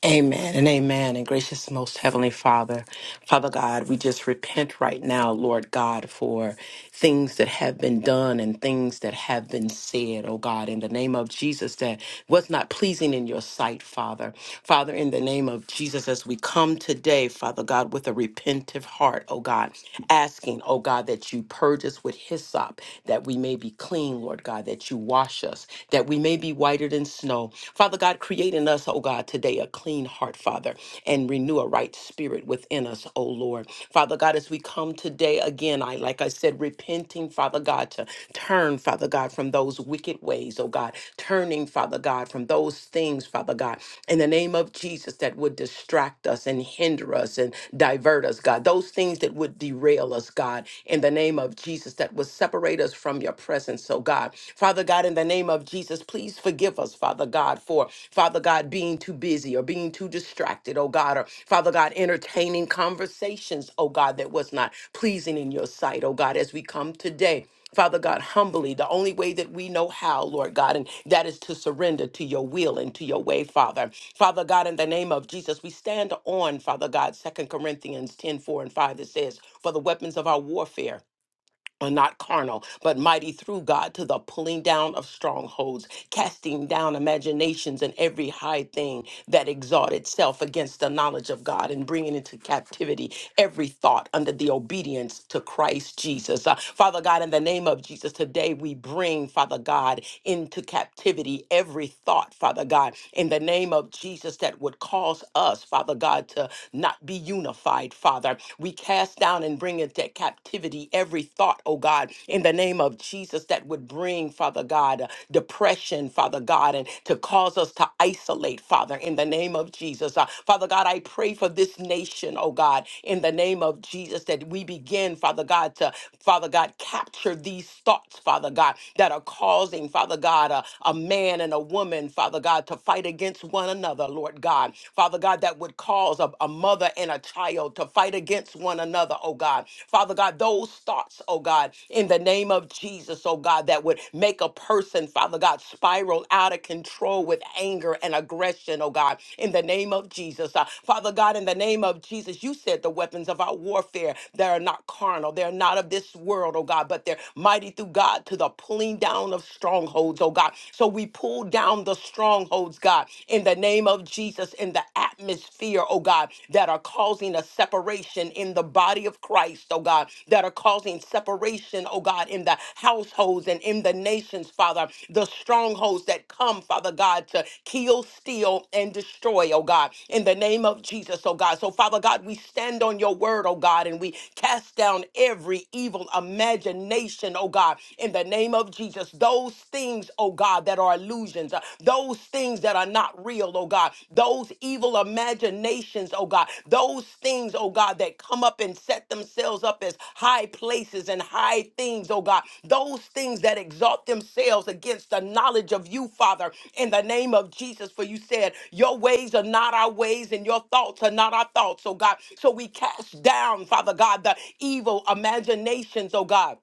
Speaker 1: Amen and amen. And gracious most heavenly Father, Father God, we just repent right now, Lord God, for things that have been done and things that have been said, oh God, in the name of Jesus, that was not pleasing in your sight, Father. Father, in the name of Jesus, as we come today, Father God, with a repentive heart, oh God, asking, oh God, that you purge us with hyssop, that we may be clean, Lord God, that you wash us, that we may be whiter than than snow. Father God, create in us, oh God, today a clean heart, Father, and renew a right spirit within us, oh Lord. Father God, as we come today again, I like I said, repenting, Father God, to turn, Father God, from those wicked ways, oh God, turning, Father God, from those things, Father God, in the name of Jesus that would distract us and hinder us and divert us, God, those things that would derail us, God, in the name of Jesus that would separate us from your presence, oh oh God. Father God, in the name of Jesus, please forgive us, Father God, for Father God being too busy or being too distracted, oh God, or Father God entertaining conversations, oh God, that was not pleasing in your sight, oh God, as we come today. Father God, humbly, the only way that we know how, Lord God, and that is to surrender to your will and to your way, Father. Father God, in the name of Jesus, we stand on, Father God, Second Corinthians 10 4 and 5 that says, For the weapons of our warfare are not carnal, but mighty through God to the pulling down of strongholds, casting down imaginations and every high thing that exalt itself against the knowledge of God, and bringing into captivity every thought under the obedience to Christ Jesus. Uh, Father God, in the name of Jesus, today we bring, Father God, into captivity every thought, Father God, in the name of Jesus, that would cause us, Father God, to not be unified, Father. We we cast down and bring into captivity every thought, oh God, in the name of Jesus, that would bring, Father God, uh, depression, Father God, and to cause us to isolate, Father, in the name of Jesus. Uh, Father God, I pray for this nation, oh God, in the name of Jesus, that we begin, Father God, to, Father God, capture these thoughts, Father God, that are causing, Father God, a, a man and a woman, Father God, to fight against one another, Lord God. Father God, that would would cause a, a mother and a child to fight against one another, oh God. Father God, those thoughts, oh God, in the name of Jesus, oh God, that would make a person, Father God, spiral out of control with anger and aggression, oh God, in the name of Jesus. Uh, Father God, in the name of Jesus, you said the weapons of our warfare, they are not carnal, they're not of this world, oh God, but they're mighty through God to the pulling down of strongholds, oh God. So we pull down the strongholds strongholds, God, in the name of Jesus, in the atmosphere, oh God, that are causing a separation in the body of Christ, oh God, that are causing separation, oh God, in the households and in the nations, Father, the strongholds that come, Father God, to kill, steal, and destroy, oh God, in the name of Jesus, oh God. So, Father God, we stand on your word, oh God, and we cast down every evil imagination, oh God, in the name of Jesus. Those things, oh God, that are illusions, uh, those things that are not real, oh God, those evil imaginations, oh God, those things, oh God, that come up and set themselves up as high places and high things, oh God, those things that exalt themselves against the knowledge of you, Father, in the name of Jesus. For you said, Your ways are not our ways, and your thoughts are not our thoughts, oh God. So we cast down, Father God, the evil imaginations, oh God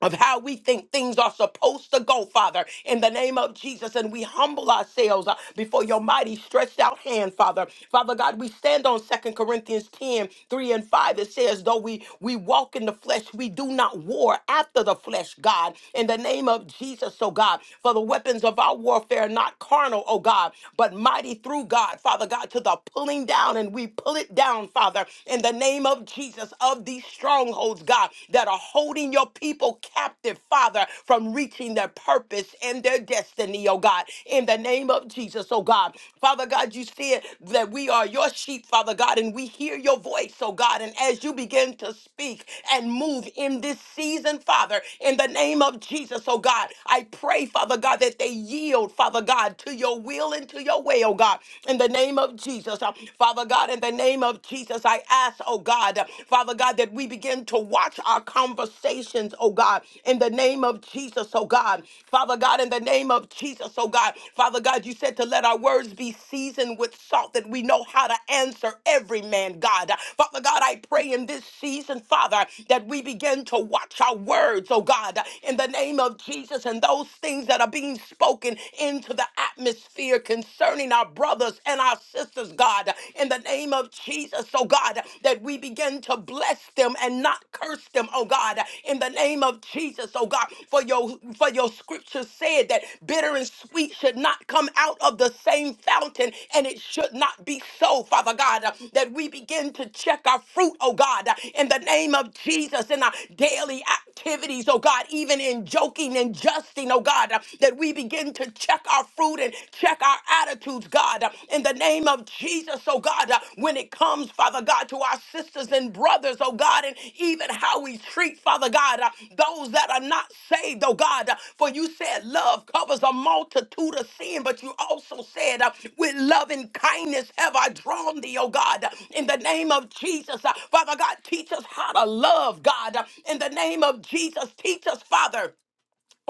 Speaker 1: of how we think things are supposed to go, Father, in the name of Jesus. And we humble ourselves uh, before your mighty stretched out hand, Father. Father God, we stand on Second Corinthians 10, 3, and 5. It says, though we, we walk in the flesh, we do not war after the flesh, God, in the name of Jesus, oh God. For the weapons of our warfare are not carnal, oh God, but mighty through God, Father God, to the pulling down, and we pull it down, Father, in the name of Jesus, of these these strongholds, God, that are holding your people captive, Father, from reaching their purpose and their destiny, oh God, in the name of Jesus, oh God. Father God, you said that we are your sheep, Father God, and we hear your voice, oh God. And as you begin to speak and move in this season, Father, in the name of Jesus, oh God, I pray, Father God, that they yield, Father God, to your will and to your way, oh God, in the name of Jesus, Uh, Father God, in the name name of Jesus, I ask, oh God, Father God, that we begin to watch our conversations, oh God, in the name of Jesus, oh God. Father God, in the name of Jesus, oh God. Father God, you said to let our words be seasoned with salt, that we know how to answer every man, God. Father God, I pray in this season, Father, that we begin to watch our words, oh God, in the name of Jesus, and those things that are being spoken into the atmosphere concerning our brother brothers and our sisters, God, in the name of Jesus, oh God, that we begin to bless them and not curse them, oh God, in the name of Jesus, oh God, for your for your scripture said that bitter and sweet should not come out of the same fountain, and it should not be so, Father God, that we begin to check our fruit, oh God, in the name of Jesus, in our daily activities, oh God, even in joking and justing, oh God, that we begin to to check our fruit and check our attitudes, God, uh, in the name of Jesus, oh God, uh, when it comes, Father God, to our sisters and brothers, oh God, and even how we treat, Father God, uh, those that are not saved, oh God, uh, for you said love covers a multitude of sin, but you also said, uh, with love and kindness have I drawn thee, oh God, uh, in the name of Jesus, uh, Father God, teach us how to love, God, uh, in the name of Jesus, teach us, Father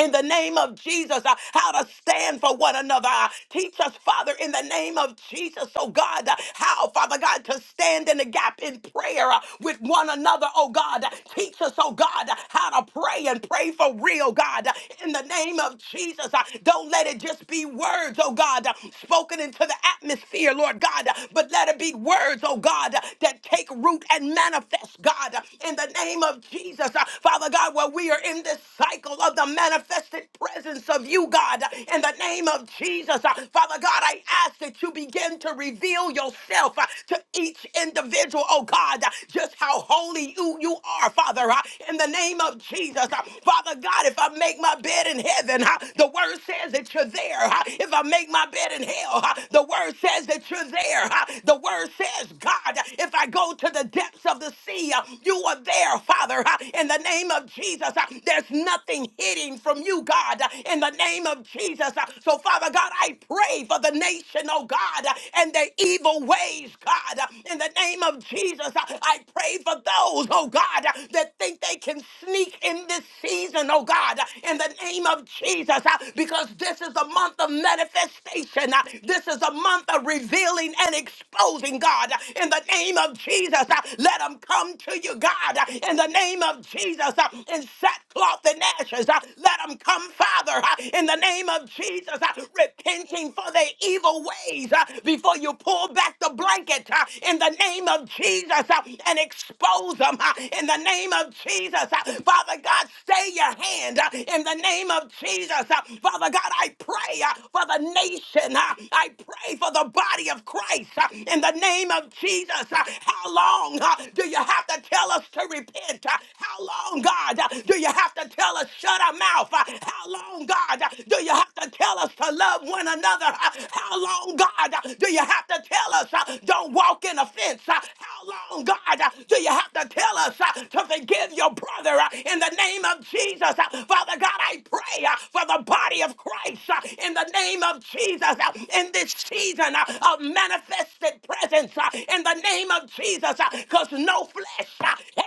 Speaker 1: in the name of Jesus, uh, how to stand for one another. Uh, teach us, Father, in the name of Jesus, oh God, uh, how, Father God, to stand in the gap in prayer uh, with one another, oh God. Uh, Teach us, oh God, uh, how to pray and pray for real, God, uh, in the name of Jesus. Uh, don't let it just be words, oh God, uh, spoken into the atmosphere, Lord God, uh, but let it be words, oh God, uh, that take root and manifest, God, uh, in the name of Jesus. Uh, Father God, where we are in this cycle of the the manifested presence of you, God, in the name of Jesus. Uh, Father God, I ask that you begin to reveal yourself uh, to each individual, oh God, uh, just how holy you, you are, Father, uh, in the name of Jesus. Uh, Father God, if I make my bed in heaven, uh, the word says that you're there. uh, If I make my bed in hell, uh, the word says that you're there. uh, The word says, God, if I go to the depths of the sea, uh, you are there, Father, uh, in the name of Jesus. Uh, There's nothing nothing hidden from you, God, uh, in the name of Jesus. Uh, So, Father God, I pray for the nation, oh God, uh, and their evil ways, God, uh, in the name of Jesus. Uh, I pray for those, oh God, uh, that think they can sneak in this season, oh God, uh, in the name of Jesus, uh, because this is a month of manifestation. uh, This is a month of revealing and exposing, God, uh, in the name of Jesus. uh, Let them come to you, God, uh, in the name of Jesus, uh, in sackcloth forth in ashes. Uh, Let them come, Father, uh, in the name of Jesus, uh, repenting for their evil ways uh, before you pull back the blanket uh, in the name of Jesus uh, and expose them uh, in the name of Jesus. uh, Father God, stay your hand uh, in the name of Jesus. uh, Father God, I pray uh, for the nation. uh, I pray for the body of Christ uh, in the name of Jesus. uh, How long uh, do you have to tell us to repent? Uh, How long, God, uh, do you? you have to tell us shut our mouth? Uh, How long, God, uh, do you have to tell us to love one another? Uh, How long, God, uh, do you have to tell us uh, don't walk in offense? Uh, How long, God, uh, do you have to tell us uh, to forgive your brother uh, in the name of Jesus? Uh, Father God, I pray uh, for the body of Christ uh, in the name of Jesus uh, in this season uh, of manifested presence uh, in the name of Jesus because no flesh. uh,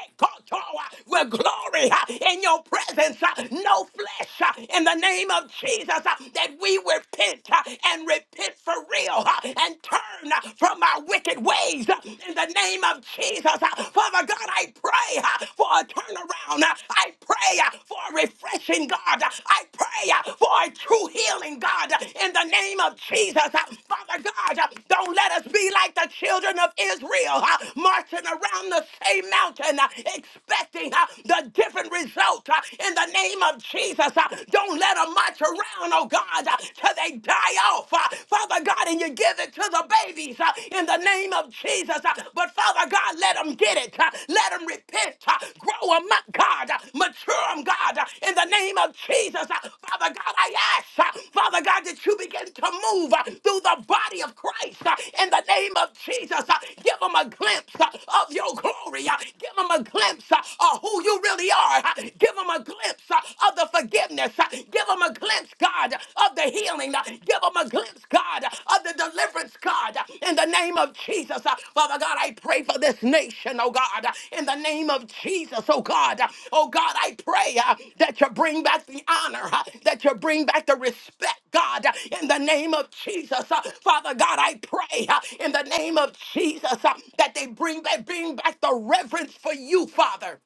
Speaker 1: with glory uh, in your presence, uh, no flesh uh, in the name of Jesus, uh, that we repent uh, and repent for real uh, and turn uh, from our wicked ways uh, in the name of Jesus. uh, Father God, I pray uh, for a turnaround. uh, I pray uh, for a refreshing, God. uh, I pray uh, for a true healing, God, uh, in the name name of Jesus, uh, Father God, uh, don't let us be like the children of Israel, uh, marching around the same mountain, uh, expecting uh, the different result uh, in the name of Jesus. uh, Don't let them march around, oh God, uh, till they die off. uh, Father God, and you give it to the babies uh, in the name of Jesus. uh, But Father God, let them get it. uh, Let them repent uh, Grow them up, God. uh, Mature them, God. uh, In the name of Jesus. Uh, Father God, I ask, uh, Father God, that you begin to move uh, through the body of Christ. uh, In the name of Jesus. Uh, Give them a glimpse uh, of your glory. uh, Give them a glimpse uh, of who you really are. uh, Give them a glimpse uh, of the forgiveness. uh, Give them a glimpse, God, of the healing. uh, Give them a glimpse deliverance, God, of the deliverance, God, in the name of Jesus. Father God, I pray for this nation, oh God, in the name of Jesus, oh God. Oh God, I pray uh, that you bring back the honor, uh, that you bring back the respect, God, in the name of Jesus. Uh, Father God, I pray uh, in the name of Jesus uh, that they bring back, bring back the reverence for you, Father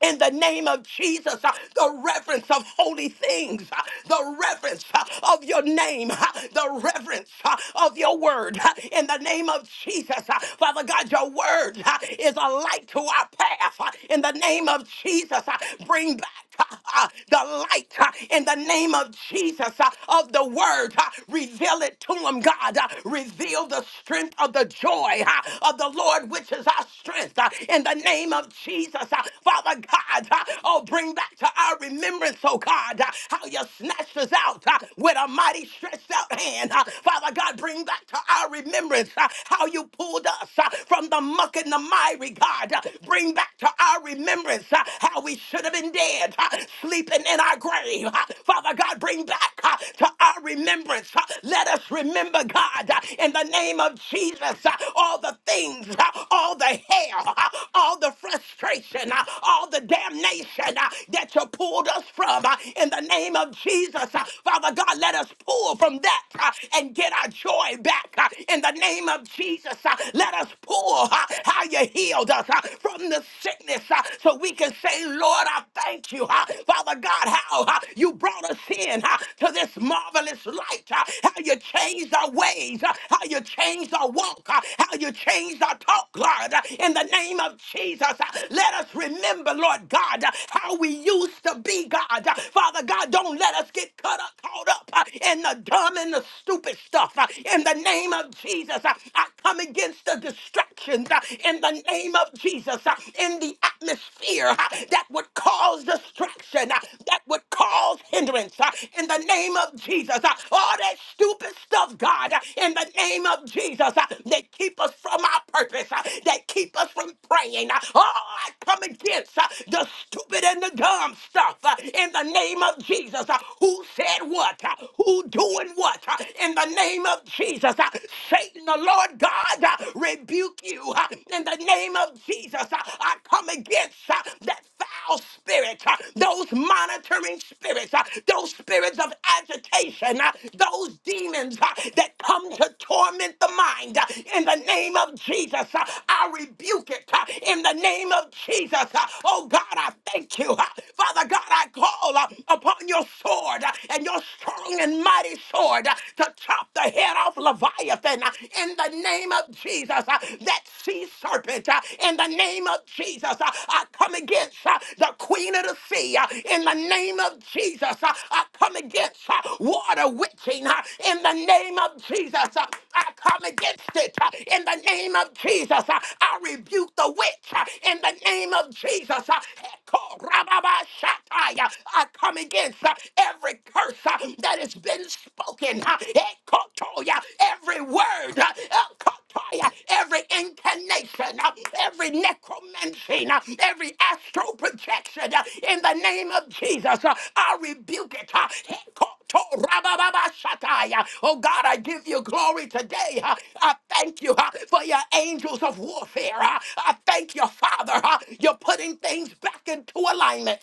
Speaker 1: in the name of Jesus, uh, the reverence of holy things, uh, the reverence uh, of your name, uh, the reverence uh, of your word, uh, in the name of Jesus. uh, Father God, your word uh, is a light to our path, uh, in the name of Jesus. uh, Bring back uh, uh, the light uh, in the name of Jesus uh, of the word. uh, Reveal it to them, God. uh, Reveal the strength of the joy uh, of the Lord, which is our strength uh, in the name of Jesus. uh, Father God, uh, oh, bring back to our remembrance, oh God, uh, how you snatched us out uh, with a mighty stretched out hand. uh, Father God, bring back to our remembrance uh, how you pulled us uh, from the muck and the miry, God. uh, Bring back to our remembrance remembrance uh, how we should have been dead, uh, sleeping in our grave. uh, Father God, bring back uh, to our remembrance. uh, Let us remember, God, uh, in the name of Jesus, uh, all the things, uh, all the hell, uh, all the frustration, uh, all the damnation uh, that you pulled us from. uh, In the name of Jesus, uh, Father God, let us pull from that uh, and get our joy back. uh, In the name of Jesus, uh, let us pull. uh, How you healed us uh, from the sickness uh, so we can say, Lord, I thank you, uh, Father God, how uh, you brought us in uh, to this marvelous light, uh, how you changed our ways, uh, how you changed our walk, uh, how you changed our talk, Lord, uh, in the name of Jesus. uh, Let us remember, Lord God, uh, how we used to be, God. Uh, Father God, don't let us get caught up, caught up uh, in the dumb and the stupid stuff. uh, In the name of Jesus, uh, I come against against the distractions uh, in the name of Jesus uh, in the atmosphere uh, that would cause distraction, uh, that would cause hindrance uh, in the name of Jesus. uh, All that stupid stuff, God, uh, in the name of Jesus, uh, that keep us from our purpose, uh, that keep us from praying. uh, Oh, I come against uh, the stupid and the dumb stuff uh, in the name of Jesus. uh, Who said what? uh, Who doing what? uh, In the name of Jesus. Jesus. Uh, Satan, the Lord God, uh, rebuke you. Uh, In the name of Jesus, uh, I come against uh, that foul spirit, uh, those monitoring spirits, uh, those spirits of agitation, uh, those demons uh, that come to torment the mind. Uh, In the name of Jesus, uh, I rebuke it. Uh, In the name of Jesus, uh, oh God, I thank you. Uh, Father God, I call uh, upon your sword uh, and your strong and mighty mighty sword uh, to chop the head off Leviathan uh, in the name of Jesus. uh, That sea serpent uh, in the name of Jesus. uh, I come against uh, the queen of the sea uh, in the name of Jesus. uh, I come against uh, water witching uh, in the name of Jesus. uh, I come against it uh, in the name of Jesus. uh, I rebuke the witch uh, in the name of Jesus. uh, Echo, rababa, shatai, uh, I come against uh, every curse uh, that has been spoken, uh, ekotoya, every word, uh, ekotoya, every incantation, uh, every necromancy, uh, every astral projection, uh, in the name of Jesus, uh, I rebuke it. uh, ekoto- rabababashataya. Oh God, I give you glory today. uh, I thank you uh, for your angels of warfare. uh, I thank you, Father. uh, You're putting things back into alignment.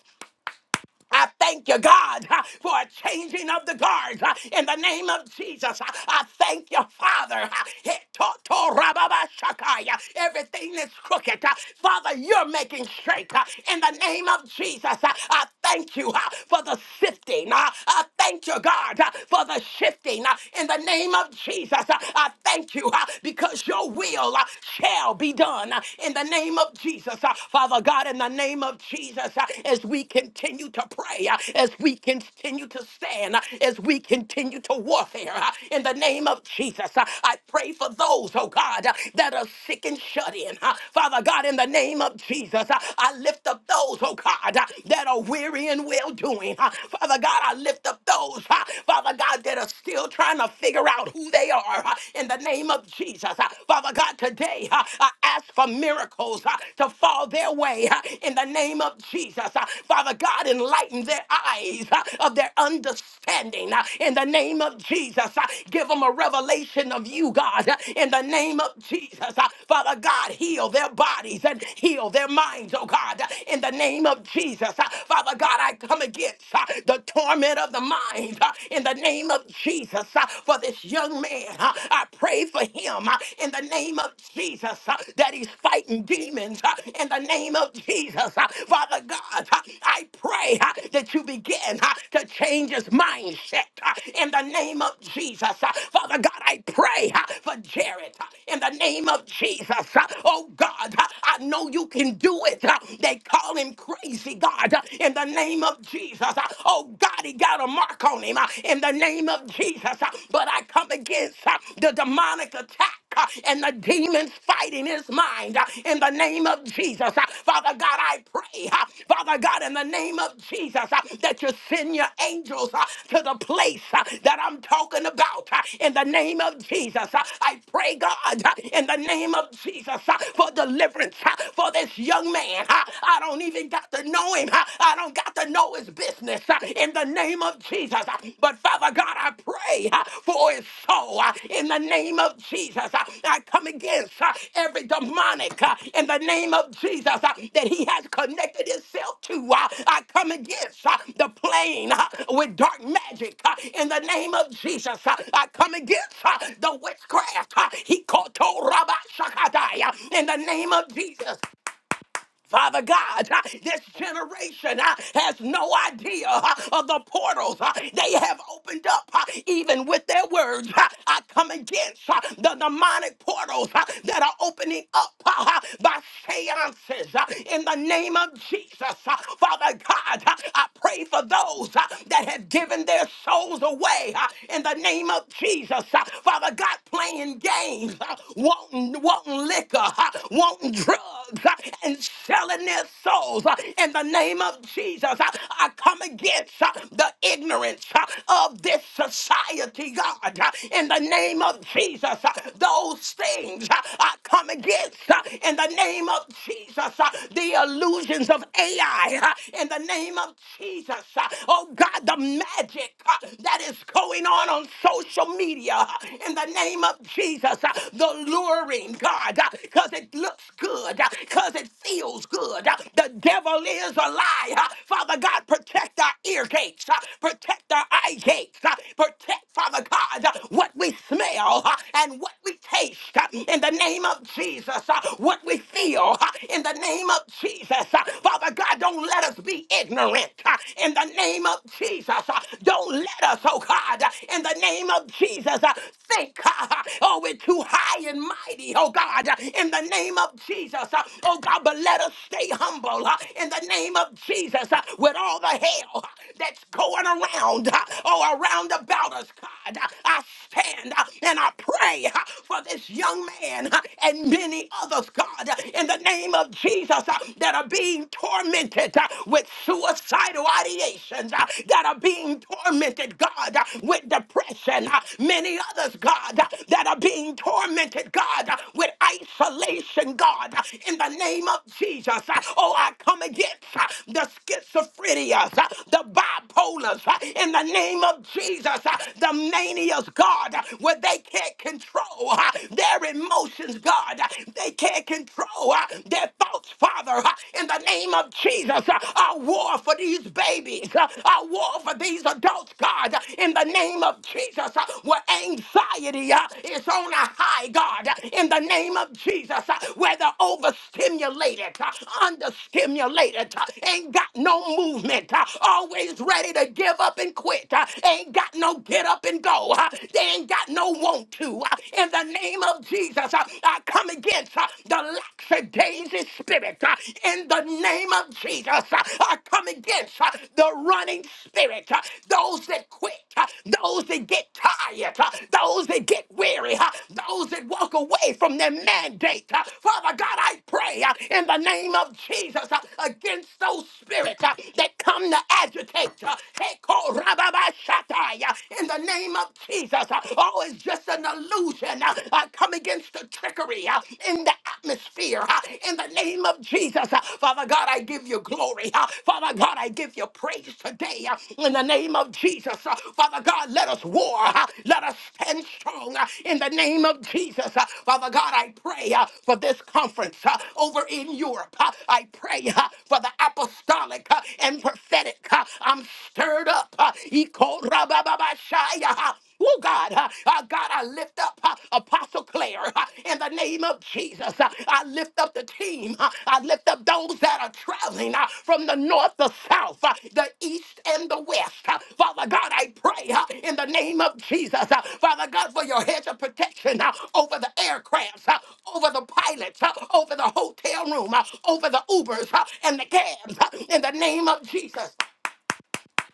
Speaker 1: I thank you, God, uh, for a changing of the guards uh, in the name of Jesus. Uh, I thank you, Father. uh, he- to- to- rababashakai, uh, Everything that's crooked, uh, Father, you're making straight uh, in the name of Jesus. Uh, I thank you uh, for the sifting. uh, I thank you, God, uh, for the shifting uh, in the name of Jesus. Uh, I thank you uh, because your will uh, shall be done uh, in the name of Jesus. Uh, Father, uh, God, in the name of Jesus, uh, as we continue to pray, uh, as we continue to stand, uh, as we continue to warfare, uh, in the name of Jesus, uh, I pray for those, oh God, uh, that are sick and shut in. uh, Father God, in the name of Jesus, uh, I lift up those, oh God, uh, that are weary and well doing. uh, Father God, I lift up those, uh, Father God, that are still trying to figure out who they are uh, in the name of Jesus. Uh, Father God, today, today. Uh, I ask for miracles uh, to fall their way uh, in the name of Jesus. Uh, Father God, enlighten their eyes uh, of their understanding uh, in the name of Jesus. Uh, Give them a revelation of you, God, uh, in the name of Jesus. Uh, Father God, heal their bodies and heal their minds, oh God, uh, in the name of Jesus. Uh, Father God, I come against uh, the torment of the mind uh, in the name of Jesus uh, for this young man young man. Uh, I pray for him uh, in the name of Jesus uh, that he's fighting demons uh, in the name of Jesus. Uh, Father God, uh, I pray uh, that you begin uh, to change his mindset uh, in the name of Jesus. Uh, Father God, I pray uh, for Jared uh, in the name of Jesus. Uh, Oh God, uh, I know you can do it. Uh, They call him crazy, God, uh, in the name of Jesus. Uh, Oh God, he got a mark attack on him uh, in the name of Jesus. uh, But I come against uh, the demonic attack uh, and the demons fighting his mind uh, in the name of Jesus. Uh, Father God, I pray, uh, Father God, in the name of Jesus, uh, that you send your angels uh, to the place uh, that I'm talking about uh, in the name of Jesus. Uh, I pray, God, uh, in the name of Jesus, uh, for deliverance uh, for this young man. uh, I don't even got to know him, uh, I don't got to know his business uh, in the name of Jesus. Uh, But Father God, I pray uh, for his soul uh, in the name of Jesus. Uh, I come against uh, every demonic uh, in the name of Jesus uh, that he has connected himself to. Uh, I come against uh, the plane uh, with dark magic uh, in the name of Jesus. Uh, I come against uh, the witchcraft. uh, He called to Rabbi Shakadai uh, in the name of Jesus. Father God, uh, this generation uh, has no idea uh, of the portals uh, they have opened up, uh, even with their words. Uh, I come against uh, the demonic portals uh, that are opening up uh, uh, by seances uh, in the name of Jesus. Uh, Father God, uh, I pray for those uh, that have given their souls away uh, in the name of Jesus. Uh, Father God, playing games, uh, wanting, wanting on liquor, uh, wanting drugs, uh, and selling their souls. uh, In the name of Jesus, uh, I come against uh, the ignorance uh, of this society, God. uh, In the name of Jesus, uh, those things uh, I come against. uh, In the name of Jesus, uh, the illusions of AI. uh, In the name of Jesus, uh, oh God, the magic uh, that is going on on social media. uh, In the in the name of Jesus. uh, The luring, God, because it looks good, because it feels good. uh, The devil is a lie. uh, Father God, protect our ear gates, uh, protect our eye gates, uh, protect, Father God, uh, what we smell uh, and what we taste uh, in the name of Jesus, uh, what we feel uh, in the name of Jesus. uh, Father God, don't let us be ignorant uh, in the name of Jesus. uh, Don't let us oh God, in the name of Jesus. Think, oh, we're too high and mighty, oh God, in the name of Jesus. Oh God, but let us stay humble in the name of Jesus with all the hell that's going around, oh, around about us, God. I stand and I pray for this young man and many others, God, in the name of Jesus that are being tormented with suicidal mighty uh, that are being tormented, God, uh, with depression. uh, Many others, God, uh, that are being tormented, God, uh, with isolation, God, uh, in the name of Jesus. uh, Oh, I come against uh, the schizophrenias, uh, the bipolars, uh, in the name of Jesus, uh, the manias, God, uh, where they can't control uh, their emotions, God. uh, They can't control uh, their thoughts, Father in the name of Jesus. I war for these babies. I war for these adults, God, in the name of Jesus. Where anxiety uh, is on a high, God, in the name of Jesus. uh, Where they're overstimulated, uh, understimulated, uh, ain't got no movement, uh, always ready to give up and quit, uh, ain't got no get up and go, uh, they ain't got no want to. uh, In the name of Jesus, uh, I come against against uh, the lackadaisy spirit uh, in the name of Jesus. Uh, I come against uh, the running spirit, uh, those that quit, uh, those that get tired, uh, those that get weary, uh, those that walk away from their mandate. uh. Father God, I pray uh, in the name of Jesus uh, against those spirits uh, that come to agitate. uh, Heko rababashatai, uh, In the name of Jesus, uh, oh, it's just another an illusion. Uh, I come against the trickery uh, in the atmosphere uh, in the name of Jesus. Uh, Father God, I give you glory. Uh, Father God, I give you praise today uh, in the name of Jesus. Uh, Father God, let us war. uh, Let us stand strong uh, in the name of Jesus. Uh, Father God, I pray uh, for this conference uh, over in Europe. Uh, I pray uh, for the apostolic uh, and prophetic. Uh, I'm stirred up. Uh, Oh God, uh, uh, God, I lift up uh, Apostle Claire uh, in the name of Jesus. Uh, I lift up the team. Uh, I lift up those that are traveling uh, from the north, the south, uh, the east, and the west. Uh, Father God, I pray uh, in the name of Jesus. Uh, Father God, for your hedge of protection uh, over the aircrafts, uh, over the pilots, uh, over the hotel room, uh, over the Ubers uh, and the cabs. uh, in the name of Jesus.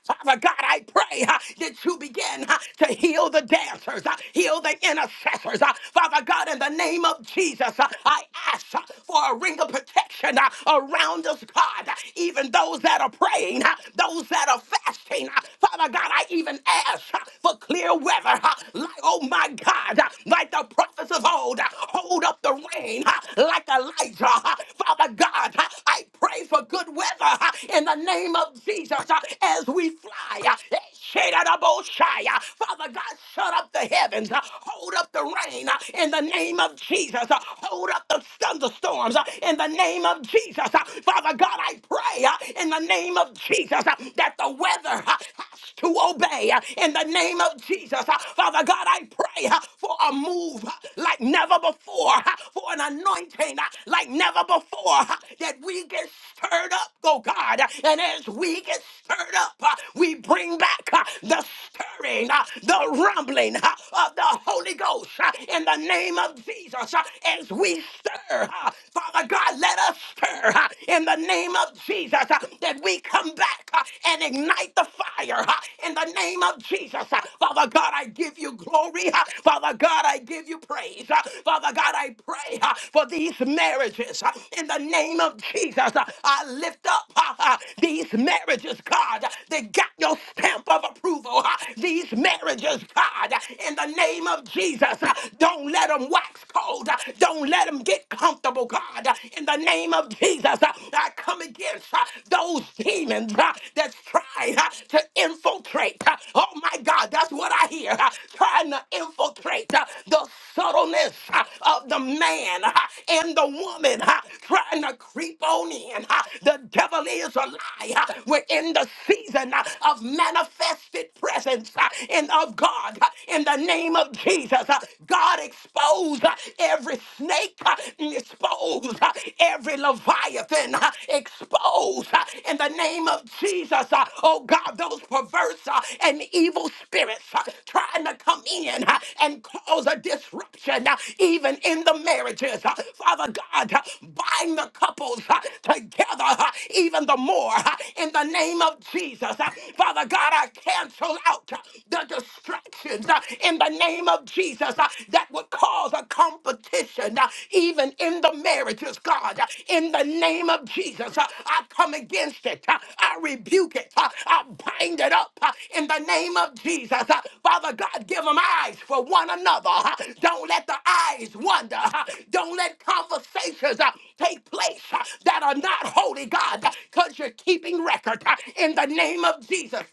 Speaker 1: Father God, I pray uh, that you begin uh, to heal the dancers, uh, heal the intercessors. uh, Father God, in the name of Jesus, uh, I ask uh, for a ring of protection uh, around us, God, uh, even those that are praying, uh, those that are fasting. uh, Father God, I even ask uh, for clear weather. uh, Like, oh my God, uh, like the prophets of old, uh, hold up the rain uh, like Elijah. uh, Father God, uh, I pray for good weather uh, in the name of Jesus uh, as we fly. uh, eh, shadadaboshai, uh, Father God, shut up the heavens, uh, hold up the rain uh, in the name of Jesus, uh, hold up the thunderstorms uh, in the name of Jesus. uh, Father God, I pray uh, in the name of Jesus uh, that the weather uh, has to obey uh, in the name of Jesus. uh, Father God, I pray uh, for a move uh, like never never before uh, for an anointing uh, like never before uh, that we get stirred up, oh God. Uh, And as we get stirred up, uh, we bring back uh, the stirring, uh, the rumbling uh, of the Holy Ghost uh, in the name of Jesus. Uh, As we stir, uh, Father God, let us stir uh, in the name of Jesus uh, that we come back uh, and ignite the fire uh, in the name of Jesus. Father God, I give you glory. Father God, I give you praise. Father God, I pray for these marriages in the name of Jesus. I lift up these marriages, God. They got your stamp of approval. These marriages, God, in the name of Jesus. Don't let them wax cold. Don't let them get comfortable, God. In the name of Jesus, I come against those demons *laughs* uh, that's trying uh, to infiltrate. uh, Oh my God, that's what I hear. uh, Trying to infiltrate uh, the subtleness uh, of the man uh, and the woman, uh, trying to creep on in. uh, The devil is a lie. uh, We're in the season uh, of manifested presence uh, and of God uh, in the name of Jesus. uh, God expose uh, every snake, uh, expose uh, every Leviathan, uh, expose uh, in the name of Jesus, uh, oh God, those perverse uh, and evil spirits uh, trying to come in uh, and cause a disruption, uh, even in the marriages. uh, Father God, uh, bind the couples uh, together uh, even the more uh, in the name of Jesus. uh, Father God, I cancel out uh, the distractions uh, in the name of of Jesus uh, that would cause a competition uh, even in the marriages, God. Uh, In the name of Jesus, uh, I come against it. Uh, I rebuke it. Uh, I bind it up uh, in the name of Jesus. Uh, Father God, give them eyes for one another. Uh, Don't let the eyes wander. Uh, Don't let conversations uh, take place uh, that are not holy, God, because you're keeping record uh, in the name of Jesus.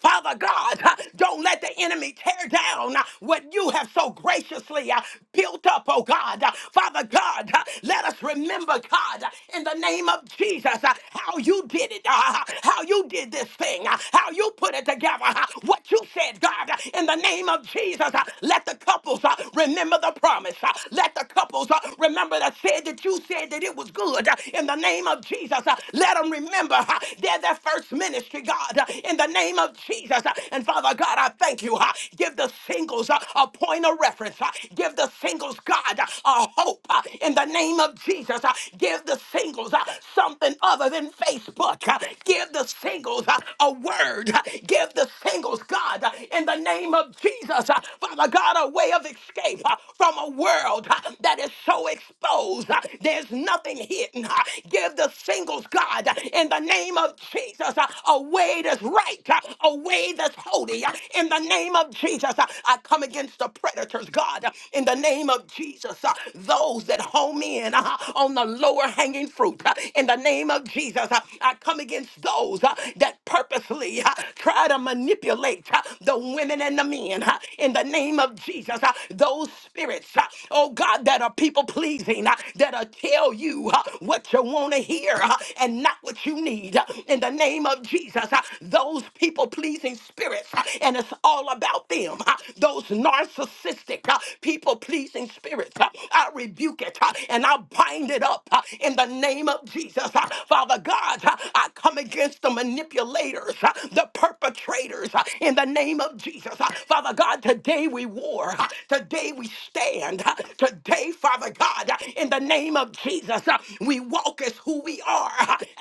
Speaker 1: Father God, uh, don't let the enemy tear down uh, what you have so graciously uh, built up, oh God. Uh, Father God, uh, let us remember, God, uh, in the name of Jesus, uh, how you did it, uh, how you did this thing, uh, how you put it together, uh, what you said, God, uh, in the name of Jesus. uh, Let the couples uh, remember the promise. uh, Let the couples uh, remember that said that you said that it was good. uh, In the name of Jesus, uh, let them remember. *laughs* uh, They're the first ministry, God, uh, in the name of Jesus. Uh, And Father God, I thank you. uh, Give the singles uh, a point of reference. uh, Give the singles, God, uh, a hope uh, in the name of Jesus. uh, Give the singles uh, something other than Facebook. uh, Give the singles uh, a word. uh, Give the singles, God, uh, in the name of Jesus. uh, Father God, a way of escape uh, from a world uh, that is so exposed. uh, There's nothing hidden. Uh, Give the singles, God, uh, in the name of Jesus, uh, a way that's right, uh, a way that's holy. uh, In the name of Jesus, Uh, I come against the predators, God, uh, in the name of Jesus, uh, those that home in uh, on the lower hanging fruit. uh, In the name of Jesus, uh, I come against those uh, that purposely uh, try to manipulate uh, the women and the men. uh, In the name of Jesus, uh, those spirits, uh, oh God. God, that are people pleasing, uh, that are tell you uh, what you want to hear uh, and not what you need. uh, In the name of Jesus, uh, those people pleasing spirits, uh, and it's all about them. uh, Those narcissistic uh, people pleasing spirits, uh, I rebuke it uh, and I bind it up uh, in the name of Jesus. Uh, Father God, uh, I come against the manipulators, uh, the perpetrators uh, in the name of Jesus. Uh, Father God, today. Today we war. Today we stand. Today, Father God, in the name of Jesus, we walk as who we are,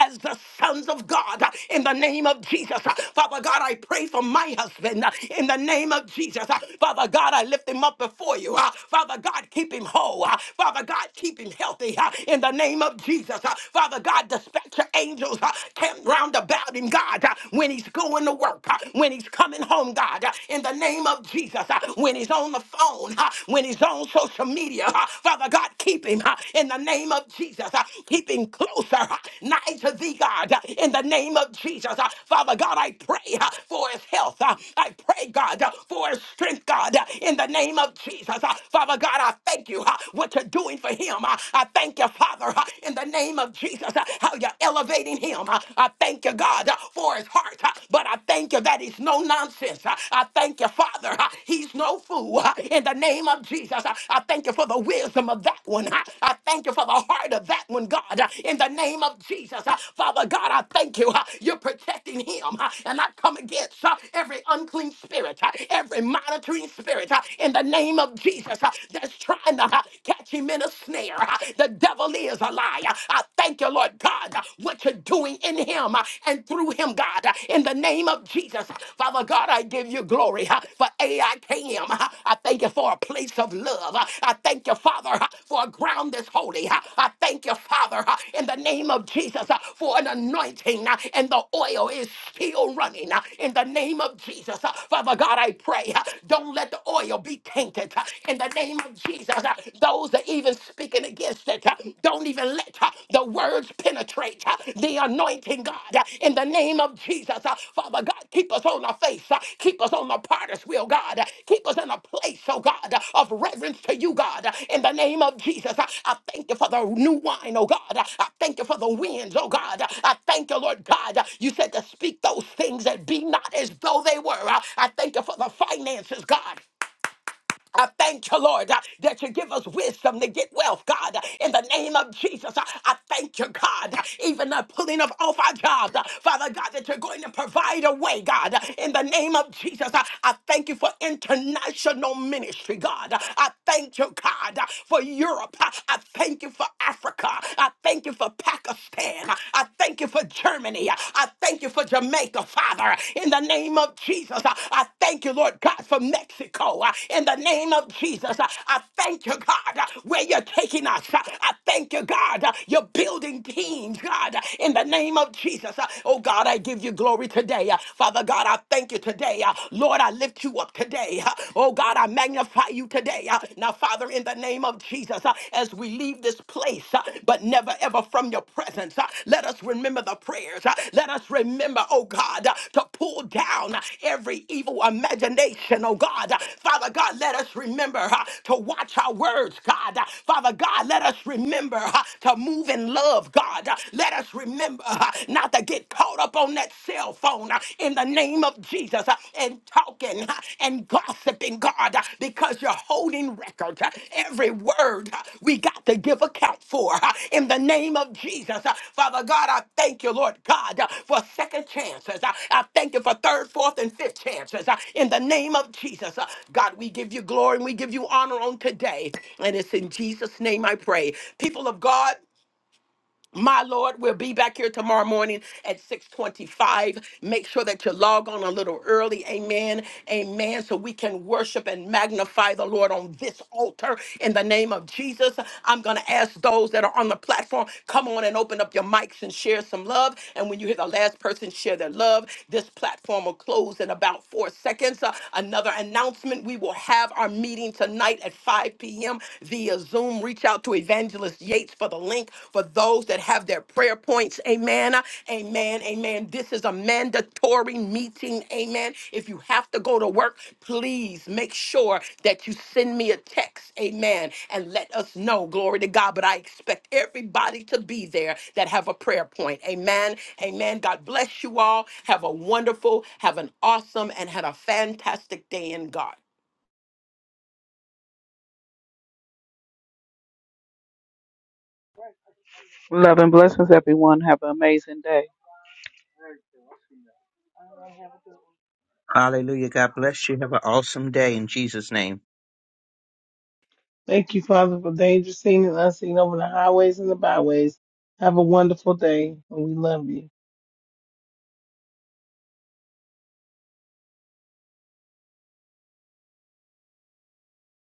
Speaker 1: as the sons of God, in the name of Jesus. Father God, I pray for my husband, in the name of Jesus. Father God, I lift him up before you. Father God, keep him whole. Father God, keep him healthy, in the name of Jesus. Father God, dispatch your angels, camp round about him, God, when he's going to work, when he's coming home, God, uh, in the name of Jesus, uh, when he's on the phone, uh, when he's on social media, uh, Father God, keep him uh, in the name of Jesus, uh, keep him closer, uh, nigh to thee, God, uh, in the name of Jesus. Uh, Father God, I pray uh, for his health. Uh, I pray, God, uh, for his strength, God, uh, in the name of Jesus. Uh, Father God, I thank you uh, what you're doing for him. Uh, I thank you, Father, uh, in the name of Jesus, uh, how you're elevating him. Uh, I thank you, God, uh, for his heart, uh, but I thank you that he's no nonsense. Uh, I thank you, Father, uh, he's no fool. Uh, In the name of Jesus, uh, I thank you for the wisdom of that one. Uh, I thank you for the heart of that one, God. Uh, In the name of Jesus, uh, Father God, I thank you. uh, You're protecting him, uh, and I come against uh, every unclean spirit, uh, every monitoring spirit. uh, In the name of Jesus, uh, that's trying to uh, catch him in a snare. Uh, The devil is a liar. I thank you, Lord God, what you're doing in him and through him, God. In the name of Jesus, Father God, I give you glory for AIKM. I K M. I thank you for a place of love. I thank you, Father, for a ground that's holy. I thank you, Father, in the name of Jesus, for an anointing and the oil is still running. In the name of Jesus, Father God, I pray, don't let the oil be tainted. In the name of Jesus, those that even speaking against it uh, don't even let uh, the words penetrate uh, the anointing, God. uh, In the name of Jesus, uh, Father God, keep us on our face. uh, Keep us on the potter's wheel, God. uh, Keep us in a place, oh God, uh, of reverence to you, God. uh, In the name of Jesus, uh, I thank you for the new wine, oh God. uh, I thank you for the winds, oh God. uh, I thank you, Lord God. uh, You said to speak those things that be not as though they were. uh, I thank you for the finances, God. I thank you, Lord, uh, that you give us wisdom to get wealth, God. uh, In the name of Jesus, uh, I thank you, God, uh, even the pulling of off our jobs, uh, Father God, that you're going to provide a way, God. uh, In the name of Jesus, uh, I thank you for international ministry, God. uh, I thank you, God, uh, for Europe. uh, I thank you for Africa. I thank you for Pakistan. uh, I thank you for Germany. uh, I thank you for Jamaica, Father, in the name of Jesus. I I thank you, Lord God, for Mexico, uh, in the name of Jesus. I I thank you, God, uh, where you're taking us. Uh, I thank you, God, uh, you're building teams, God, uh, in the name of Jesus. Uh, Oh, God, I give you glory today. Uh, Father God, I thank you today. Uh, Lord, I lift you up today. Uh, Oh, God, I magnify you today. Uh, Now, Father, in the name of Jesus. Jesus, uh, as we leave this place, uh, but never ever from your presence. uh, Let us remember the prayers. uh, Let us remember, oh God, uh, to pull down uh, every evil imagination, oh God. Uh, Father God, let us remember uh, to watch our words, God. Uh, Father God, let us remember uh, to move in love, God. Uh, Let us remember uh, not to get caught up on that cell phone uh, in the name of of Jesus uh, and talking uh, and gossiping, God, uh, because you're holding record. uh, Every word uh, we got to give account for uh, in the name of Jesus. Uh, Father God, I thank you, Lord God, uh, for second chances. Uh, I thank you for third, fourth, and fifth chances uh, in the name of Jesus. Uh, God, we give you glory and we give you honor on today. And it's in Jesus' name I pray. People of God, my Lord, we'll be back here tomorrow morning at 625. Make sure that you log on a little early. Amen. Amen. So we can worship and magnify the Lord on this altar in the name of Jesus. I'm going to ask those that are on the platform, come on and open up your mics and share some love. And when you hear the last person share their love, this platform will close in about four seconds. Uh, another announcement, we will have our meeting tonight at 5 p.m. via via Zoom. Reach out to Evangelist Yates for the link for those that have their prayer points. Amen. Amen. Amen. This is a mandatory meeting. Amen. If you have to go to work, please make sure that you send me a text. Amen. And let us know. Glory to God. But I expect everybody to be there that have a prayer point. Amen. Amen. God bless you all. Have a wonderful, have an awesome, and had a fantastic day in God.
Speaker 2: Love and blessings, everyone. Have an amazing day.
Speaker 4: Hallelujah. God bless you. Have an awesome day in Jesus' name.
Speaker 3: Thank you, Father, for dangers seen and unseen over the highways and the byways. Have a wonderful day, and we love you.